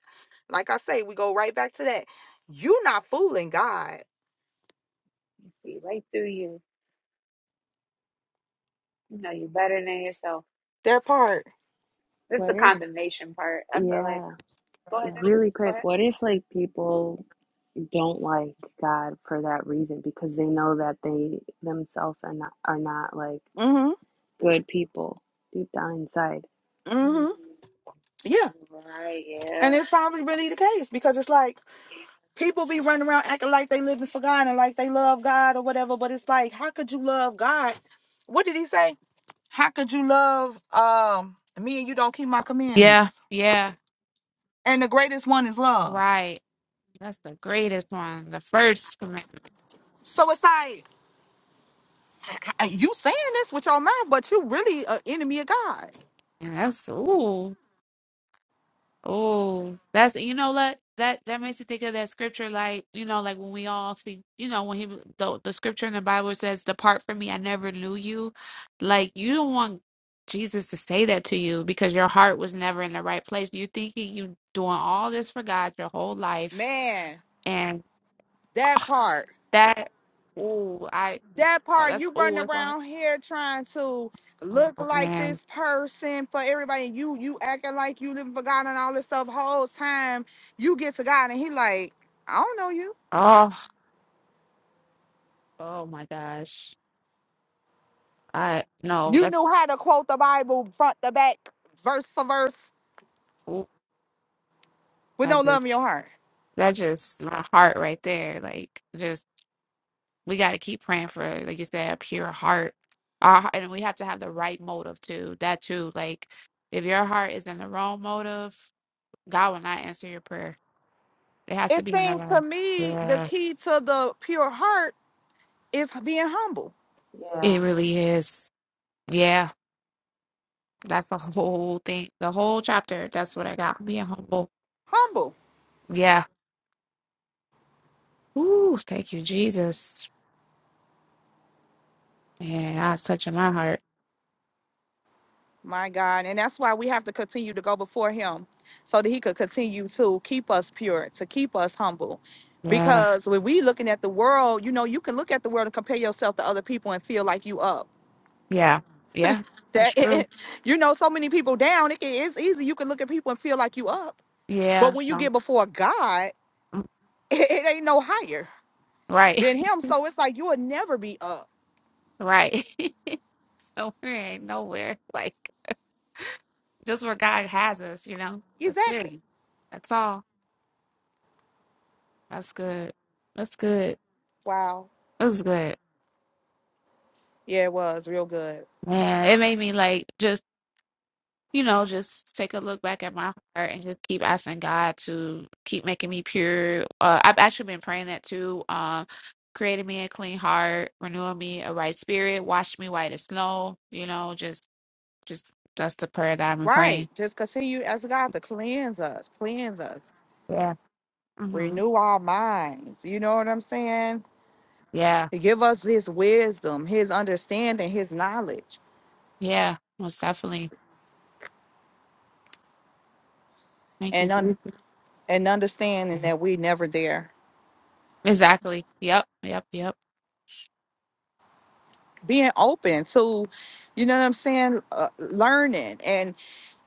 [SPEAKER 1] like I say, we go right back to that. You not fooling God.
[SPEAKER 2] You see right through you. You know you better than yourself.
[SPEAKER 1] That part.
[SPEAKER 2] This is the
[SPEAKER 3] What if,
[SPEAKER 2] condemnation part. I feel like,
[SPEAKER 3] yeah,
[SPEAKER 2] go ahead, Nexus.
[SPEAKER 3] really
[SPEAKER 2] Go
[SPEAKER 3] quick,
[SPEAKER 2] ahead.
[SPEAKER 3] what if like people don't like God for that reason because they know that they themselves are not are not like
[SPEAKER 1] Mhm.
[SPEAKER 3] good people deep down inside?
[SPEAKER 2] Mm,
[SPEAKER 1] Mhm. Yeah,
[SPEAKER 2] right.
[SPEAKER 1] and
[SPEAKER 2] Yeah.
[SPEAKER 1] it's probably really the case because it's like
[SPEAKER 2] Yeah.
[SPEAKER 1] people be running around acting like they living for God and like they love God or whatever. But it's
[SPEAKER 2] Wow.
[SPEAKER 1] like, how could you love God? What did he say? How could you love um me and you don't keep my
[SPEAKER 2] Yeah,
[SPEAKER 1] commandments?
[SPEAKER 2] yeah,
[SPEAKER 1] And the greatest one is love.
[SPEAKER 2] right. That's the greatest one. The first commandment.
[SPEAKER 1] So it's like You saying this with your mouth, but you really an enemy of God.
[SPEAKER 2] And That's ooh. Oh, that's you know what that that makes me think of that scripture, like you know, like when we all see, you know, when he the the scripture in the Bible says, "Depart from me, I never knew you." Like you don't want Jesus to say that to you because your heart was never in the right place. You're thinking you doing all this for God your whole life,
[SPEAKER 1] Man,
[SPEAKER 2] and
[SPEAKER 1] that part.
[SPEAKER 2] that oh, I
[SPEAKER 1] That
[SPEAKER 2] oh
[SPEAKER 1] part,
[SPEAKER 2] that's
[SPEAKER 1] you
[SPEAKER 2] oh
[SPEAKER 1] running
[SPEAKER 2] that's why
[SPEAKER 1] around here trying to look
[SPEAKER 2] oh
[SPEAKER 1] like this
[SPEAKER 2] man
[SPEAKER 1] person for everybody. You you acting like you living for God and all this stuff whole time. You get to God and he like, I don't know you.
[SPEAKER 2] oh oh my gosh I no
[SPEAKER 1] You
[SPEAKER 2] that's
[SPEAKER 1] knew how to quote the Bible front to back, verse for verse, with no
[SPEAKER 2] oh
[SPEAKER 1] love in your heart.
[SPEAKER 2] That just my heart right there. Like, just we got to keep praying for, like you said, a pure heart. Our, heart- and we have to have the right motive too. That too. Like, if your heart is in the wrong motive, God will not answer your prayer. It has to
[SPEAKER 1] It
[SPEAKER 2] be in the
[SPEAKER 1] seems to
[SPEAKER 2] wrong.
[SPEAKER 1] me the
[SPEAKER 2] Yeah,
[SPEAKER 1] key to the pure heart is being humble.
[SPEAKER 3] Yeah.
[SPEAKER 2] it really is. Yeah, that's the whole thing, the whole chapter. That's what I got. Being humble.
[SPEAKER 1] Humble.
[SPEAKER 2] Yeah. Ooh, thank you, Jesus. Yeah, that's touching my heart.
[SPEAKER 1] My God. And that's why we have to continue to go before him so that he could continue to keep us pure, to keep us humble.
[SPEAKER 2] Yeah,
[SPEAKER 1] Because when we looking at the world, you know, you can look at the world and compare yourself to other people and feel like you up.
[SPEAKER 2] yeah, yeah. That's
[SPEAKER 1] That
[SPEAKER 2] true.
[SPEAKER 1] *laughs* you know, so many people down. It can, it's easy. You can look at people and feel like you up. But
[SPEAKER 2] Yeah,
[SPEAKER 1] when you
[SPEAKER 2] no.
[SPEAKER 1] get before God, *laughs* it, it ain't no higher
[SPEAKER 2] Right,
[SPEAKER 1] than him. So it's like you will never be up.
[SPEAKER 2] *laughs* right. *laughs* So we ain't nowhere. *laughs* Like just where God has us, you know. That's it.
[SPEAKER 1] Exactly.
[SPEAKER 2] That's all. That's good. That's good.
[SPEAKER 1] Wow.
[SPEAKER 2] That's good.
[SPEAKER 1] Yeah, it was real good.
[SPEAKER 2] Man, it made me like just you know just take a look back at my heart and just keep asking God to keep making me pure. Uh, I've actually been praying that too. Um, creating me a clean heart, renewing me a right spirit, wash me white as snow. You know, just just that's the prayer that I've been praying.
[SPEAKER 1] Right. Just continue as God to cleanse us, cleanse us
[SPEAKER 2] Yeah. Mm-hmm.
[SPEAKER 1] renew our minds. You know what I'm saying?
[SPEAKER 2] Yeah.
[SPEAKER 1] To give us his wisdom, his understanding, his knowledge,
[SPEAKER 2] Yeah, most definitely. Thank
[SPEAKER 1] and
[SPEAKER 2] you.
[SPEAKER 1] un-
[SPEAKER 2] Jesus.
[SPEAKER 1] and understanding that we never there.
[SPEAKER 2] Exactly. Yep. Yep. Yep.
[SPEAKER 1] Being open to, you know what I'm saying, uh, learning and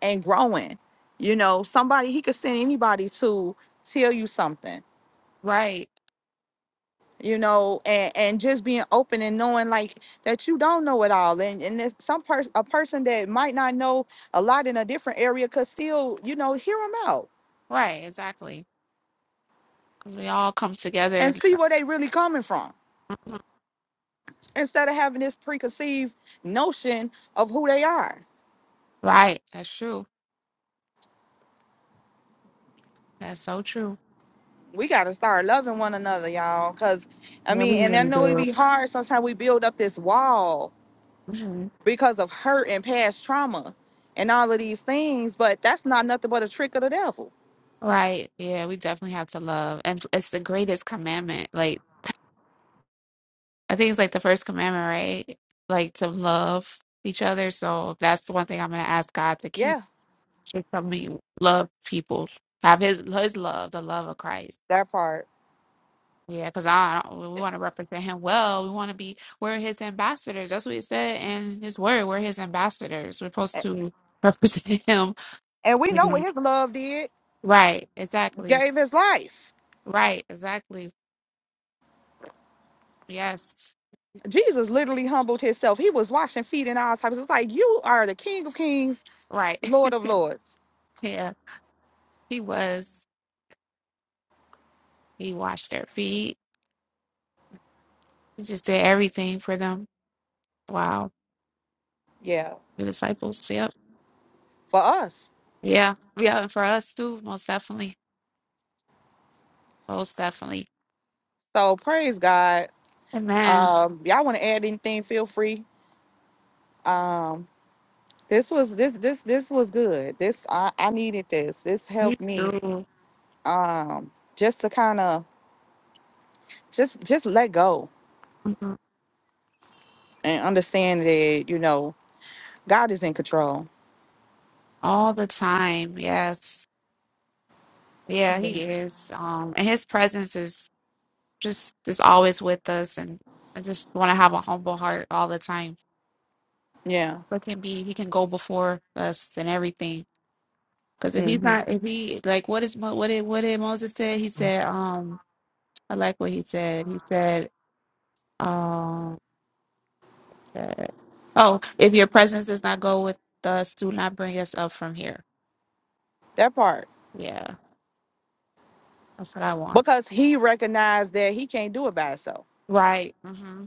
[SPEAKER 1] and growing. You know, somebody he could send anybody to tell you something.
[SPEAKER 2] Right.
[SPEAKER 1] You know, and and just being open and knowing like that you don't know it all, and and there's some person a person that might not know a lot in a different area could still you know hear them out
[SPEAKER 2] Right. Exactly. 'Cause we all come together.
[SPEAKER 1] and
[SPEAKER 2] and-
[SPEAKER 1] see where they really coming from
[SPEAKER 2] Mhm.
[SPEAKER 1] instead of having this preconceived notion of who they are.
[SPEAKER 2] Right. That's true. That's so true.
[SPEAKER 1] We gotta start loving one another, y'all. Cause I
[SPEAKER 2] Yeah, we
[SPEAKER 1] mean, and I
[SPEAKER 2] really
[SPEAKER 1] know it
[SPEAKER 2] do.
[SPEAKER 1] be hard sometimes we build up this wall
[SPEAKER 2] Mhm.
[SPEAKER 1] because of hurt and past trauma and all of these things, but that's not nothing but a trick of the devil.
[SPEAKER 2] Right. Yeah, we definitely have to love. And it's the greatest commandment. Like, I think it's like the first commandment, right? Like to love each other. So that's the one thing I'm going to ask God to keep.
[SPEAKER 1] Yeah,
[SPEAKER 2] Just help me love people. Have his his love, the love of Christ.
[SPEAKER 1] that part.
[SPEAKER 2] Yeah, because I don't, we want to represent him well. We want to be, we're his ambassadors. That's what he said in his word. We're his ambassadors. We're supposed
[SPEAKER 1] A-
[SPEAKER 2] to represent *laughs* him.
[SPEAKER 1] And we know what
[SPEAKER 2] Mhm.
[SPEAKER 1] his love did,
[SPEAKER 2] Right, exactly.
[SPEAKER 1] gave his life.
[SPEAKER 2] Right, exactly. Yes,
[SPEAKER 1] Jesus literally humbled himself. He was washing feet and all types. It's like you are the King of Kings,
[SPEAKER 2] right.
[SPEAKER 1] Lord
[SPEAKER 2] *laughs*
[SPEAKER 1] of Lords.
[SPEAKER 2] Yeah, he was. He washed their feet. He just did everything for them. Wow.
[SPEAKER 1] Yeah.
[SPEAKER 2] The disciples. Yep.
[SPEAKER 1] for us.
[SPEAKER 2] Yeah. Yeah. And for us too, most definitely. Most definitely.
[SPEAKER 1] So praise God.
[SPEAKER 2] Amen.
[SPEAKER 1] Um, y'all want to add anything? Feel free. Um, this was this this this was good. This I, I needed this. This
[SPEAKER 2] Me
[SPEAKER 1] helped me.
[SPEAKER 2] too.
[SPEAKER 1] Um, just to kind of just just let go
[SPEAKER 2] Mhm.
[SPEAKER 1] and understand that you know God is in control.
[SPEAKER 2] All the time. Yes. Yeah, he is. Um, and his presence is just is always with us. And I just want to have a humble heart all the time.
[SPEAKER 1] Yeah,
[SPEAKER 2] But can be, he can go before us and everything. Because if he's
[SPEAKER 1] hmm
[SPEAKER 2] not, if he like, what is Mo- what did what did Moses say? He said, um, I like what he said. He said, um, said, oh, if your presence does not go with us, do not bring us up from here.
[SPEAKER 1] that part
[SPEAKER 2] Yeah, that's what I want.
[SPEAKER 1] because He recognized that He can't do it by Himself.
[SPEAKER 2] Right. Mm-hmm.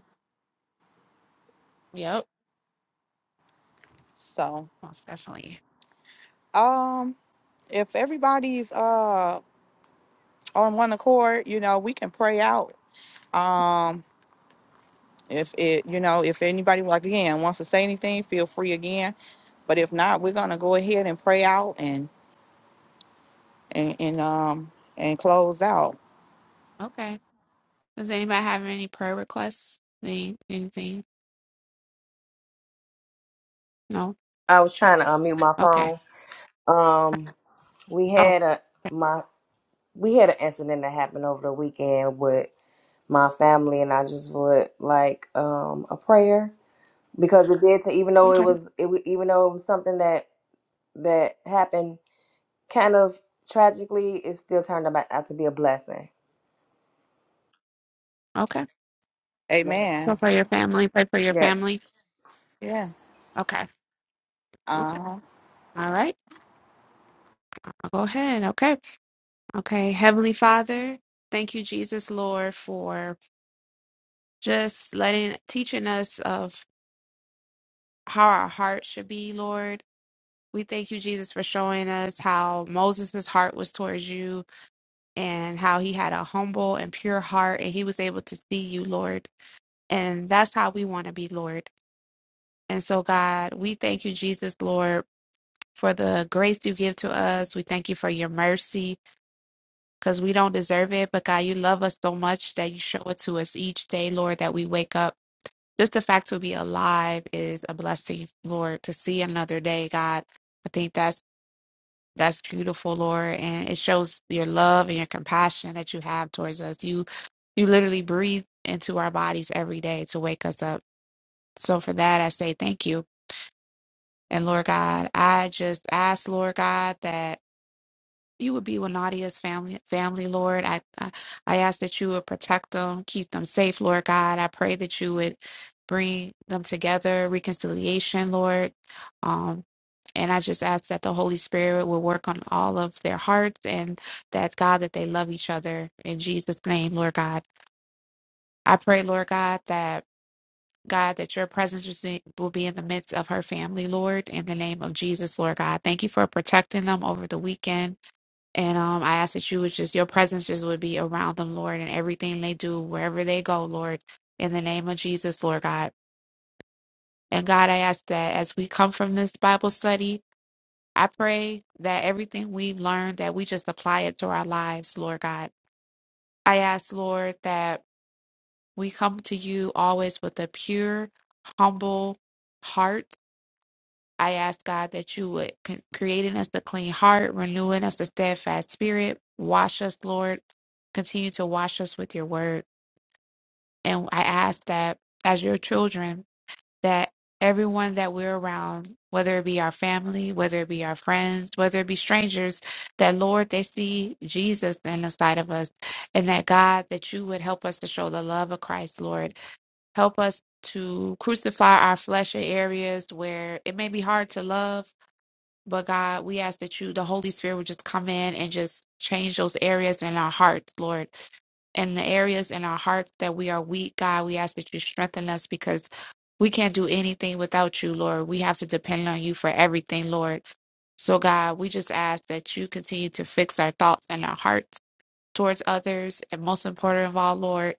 [SPEAKER 2] Yep.
[SPEAKER 1] So
[SPEAKER 2] Most definitely.
[SPEAKER 1] um, if everybody's uh on one accord, you know we can pray out. Um, If it, you know, if anybody like again wants to say anything, feel free again. But if not, we're gonna go ahead and pray out and and, and um and close out.
[SPEAKER 2] Okay. Does anybody have any prayer requests? Any anything? No?
[SPEAKER 4] I was trying to unmute my
[SPEAKER 2] Okay.
[SPEAKER 4] phone. Um, we
[SPEAKER 2] Oh,
[SPEAKER 4] had a my we had an incident that happened over the weekend with my family, and I just would like um a prayer because it did. To, even though it
[SPEAKER 2] okay.
[SPEAKER 4] was it wa- even though it was something that that happened kind of tragically, it still turned out out to be a blessing.
[SPEAKER 2] Okay.
[SPEAKER 4] Amen.
[SPEAKER 2] So
[SPEAKER 1] Amen.
[SPEAKER 2] for your family, pray for your family.
[SPEAKER 4] Yes.
[SPEAKER 1] Yeah.
[SPEAKER 2] Okay.
[SPEAKER 1] Uh
[SPEAKER 2] Okay.
[SPEAKER 1] huh.
[SPEAKER 2] All right. I'll go ahead. Okay. Okay. Heavenly Father, thank you, Jesus Lord, for just letting teaching us of how our heart should be, Lord. We thank you, Jesus, for showing us how Moses' heart was towards you and how he had a humble and pure heart and he was able to see you, Lord. And that's how we want to be, Lord. And so, God, we thank you, Jesus, Lord, for the grace you give to us. We thank you for your mercy because we don't deserve it. But, God, you love us so much that you show it to us each day, Lord, that we wake up. Just the fact to be alive is a blessing, Lord, to see another day, God. I think that's that's beautiful, Lord, and it shows your love and your compassion that you have towards us. You you literally breathe into our bodies every day to wake us up. So for that I say thank you. And Lord God, I just ask, Lord God, that you would be with Nadia's family, family, Lord. I, I I ask that you would protect them, keep them safe, Lord God. I pray that you would bring them together, reconciliation, Lord. Um, and I just ask that the Holy Spirit will work on all of their hearts and that God that they love each other in Jesus' name, Lord God. I pray, Lord God, that God, that your presence will be will be in the midst of her family, Lord, in the name of Jesus, Lord God. Thank you for protecting them over the weekend. And um, I ask that you would just, your presence just would be around them, Lord, and everything they do, wherever they go, Lord, in the name of Jesus, Lord God. And God, I ask that as we come from this Bible study, I pray that everything we've learned, that we just apply it to our lives, Lord God. I ask, Lord, that we come to you always with a pure, humble heart I ask God that you would con- create in us a clean heart, renewing us a steadfast spirit, wash us, Lord. Continue to wash us with your word. And I ask that as your children, that everyone that we're around, whether it be our family, whether it be our friends, whether it be strangers, that Lord, they see Jesus in the side of us. And that God, that you would help us to show the love of Christ, Lord. Help us to crucify our flesh in areas where it may be hard to love but God, we ask that you, the Holy Spirit, would just come in and just change those areas in our hearts, Lord. And the areas in our hearts that we are weak, God, we ask that you strengthen us because we can't do anything without you, Lord. We have to depend on you for everything, Lord. So, God, we just ask that you continue to fix our thoughts and our hearts towards others. And most important of all, Lord,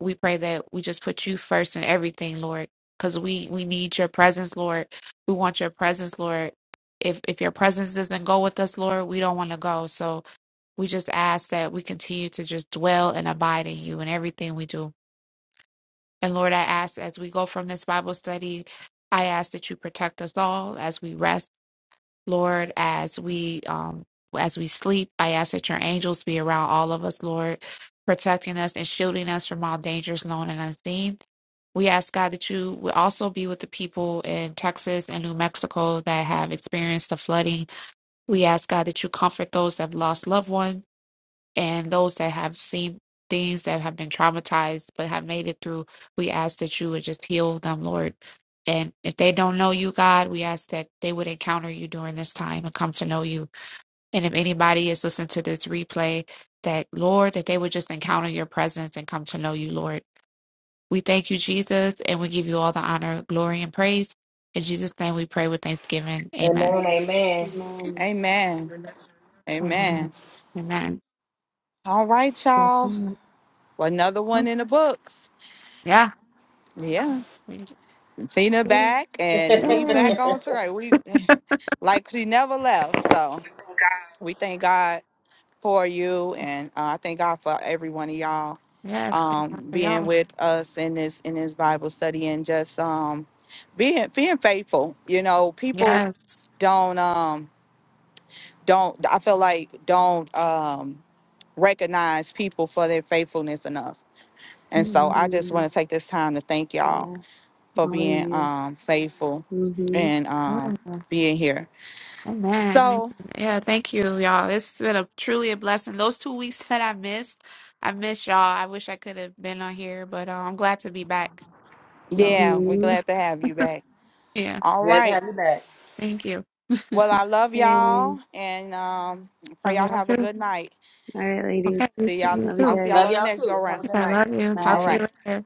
[SPEAKER 2] we pray that we just put you first in everything, Lord, because we we need your presence, Lord. We want your presence, Lord. If if your presence doesn't go with us, Lord, we don't want to go. So we just ask that we continue to just dwell and abide in you in everything we do. And Lord, I ask as we go from this Bible study, I ask that you protect us all as we rest. Lord, as we um as we sleep, I ask that your angels be around all of us, Lord, protecting us and shielding us from all dangers known and unseen. We ask God that you will also be with the people in Texas and New Mexico that have experienced the flooding. We ask God that you comfort those that have lost loved ones and those that have seen things that have been traumatized but have made it through, we ask that you would just heal them, Lord. And if they don't know you, God, we ask that they would encounter you during this time and come to know you. And if anybody is listening to this replay, that Lord, that they would just encounter your presence and come to know you, Lord. We thank you, Jesus, and we give you all the honor, glory, and praise. In Jesus' name we pray with thanksgiving. Amen.
[SPEAKER 4] Amen. Amen.
[SPEAKER 3] Amen.
[SPEAKER 1] Amen. Amen.
[SPEAKER 2] Amen.
[SPEAKER 1] All right, y'all.
[SPEAKER 2] Amen.
[SPEAKER 1] Well, another one in the books.
[SPEAKER 2] Yeah.
[SPEAKER 1] Yeah. Tina
[SPEAKER 2] *laughs*
[SPEAKER 1] back and
[SPEAKER 4] *laughs*
[SPEAKER 1] we
[SPEAKER 2] Yay.
[SPEAKER 1] back on track. We *laughs* like she never left. So we thank God for you and uh, I thank God for every one of y'all
[SPEAKER 2] Yes, thank
[SPEAKER 1] um,
[SPEAKER 2] God for
[SPEAKER 1] being
[SPEAKER 2] y'all.
[SPEAKER 1] with us in this in this Bible study and just um, being being faithful. You know, people
[SPEAKER 2] Yes.
[SPEAKER 1] don't um don't I feel like don't um recognize people for their faithfulness enough. And so
[SPEAKER 2] Mhm.
[SPEAKER 1] I just
[SPEAKER 3] Mm,
[SPEAKER 1] want to take this time to thank y'all
[SPEAKER 3] yeah,
[SPEAKER 1] for
[SPEAKER 3] all of
[SPEAKER 1] being
[SPEAKER 3] you.
[SPEAKER 1] um faithful
[SPEAKER 3] Mm-hmm.
[SPEAKER 1] and um
[SPEAKER 2] Mm.
[SPEAKER 1] being here.
[SPEAKER 2] Amen.
[SPEAKER 1] So
[SPEAKER 2] Yeah, thank you, y'all. It's been a truly a blessing. Those two weeks *laughs* that I missed, I missed y'all. I wish I could have been on here, but uh, I'm glad to be back. So
[SPEAKER 1] yeah, we're
[SPEAKER 3] Mm-hmm.
[SPEAKER 1] glad to have you back.
[SPEAKER 2] yeah,
[SPEAKER 1] All
[SPEAKER 4] Glad to
[SPEAKER 1] right.
[SPEAKER 4] have you back.
[SPEAKER 2] thank you.
[SPEAKER 1] Well
[SPEAKER 2] *laughs*
[SPEAKER 1] I love
[SPEAKER 3] Okay.
[SPEAKER 1] y'all and um pray
[SPEAKER 2] Love
[SPEAKER 1] y'all
[SPEAKER 2] y'all
[SPEAKER 1] have a
[SPEAKER 2] too.
[SPEAKER 1] good night.
[SPEAKER 3] All right,
[SPEAKER 2] Okay,
[SPEAKER 3] ladies.
[SPEAKER 2] you,
[SPEAKER 1] See y'all.
[SPEAKER 2] you
[SPEAKER 3] Love you
[SPEAKER 1] I'll
[SPEAKER 2] too.
[SPEAKER 1] see
[SPEAKER 3] guys.
[SPEAKER 1] y'all
[SPEAKER 4] Love
[SPEAKER 1] on the
[SPEAKER 4] y'all
[SPEAKER 1] next go
[SPEAKER 4] too. Have
[SPEAKER 1] round.
[SPEAKER 4] a good
[SPEAKER 2] I
[SPEAKER 4] night.
[SPEAKER 2] love you. Talk
[SPEAKER 1] All
[SPEAKER 2] to
[SPEAKER 1] right.
[SPEAKER 3] Bye.
[SPEAKER 2] you later.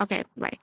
[SPEAKER 2] Okay, bye.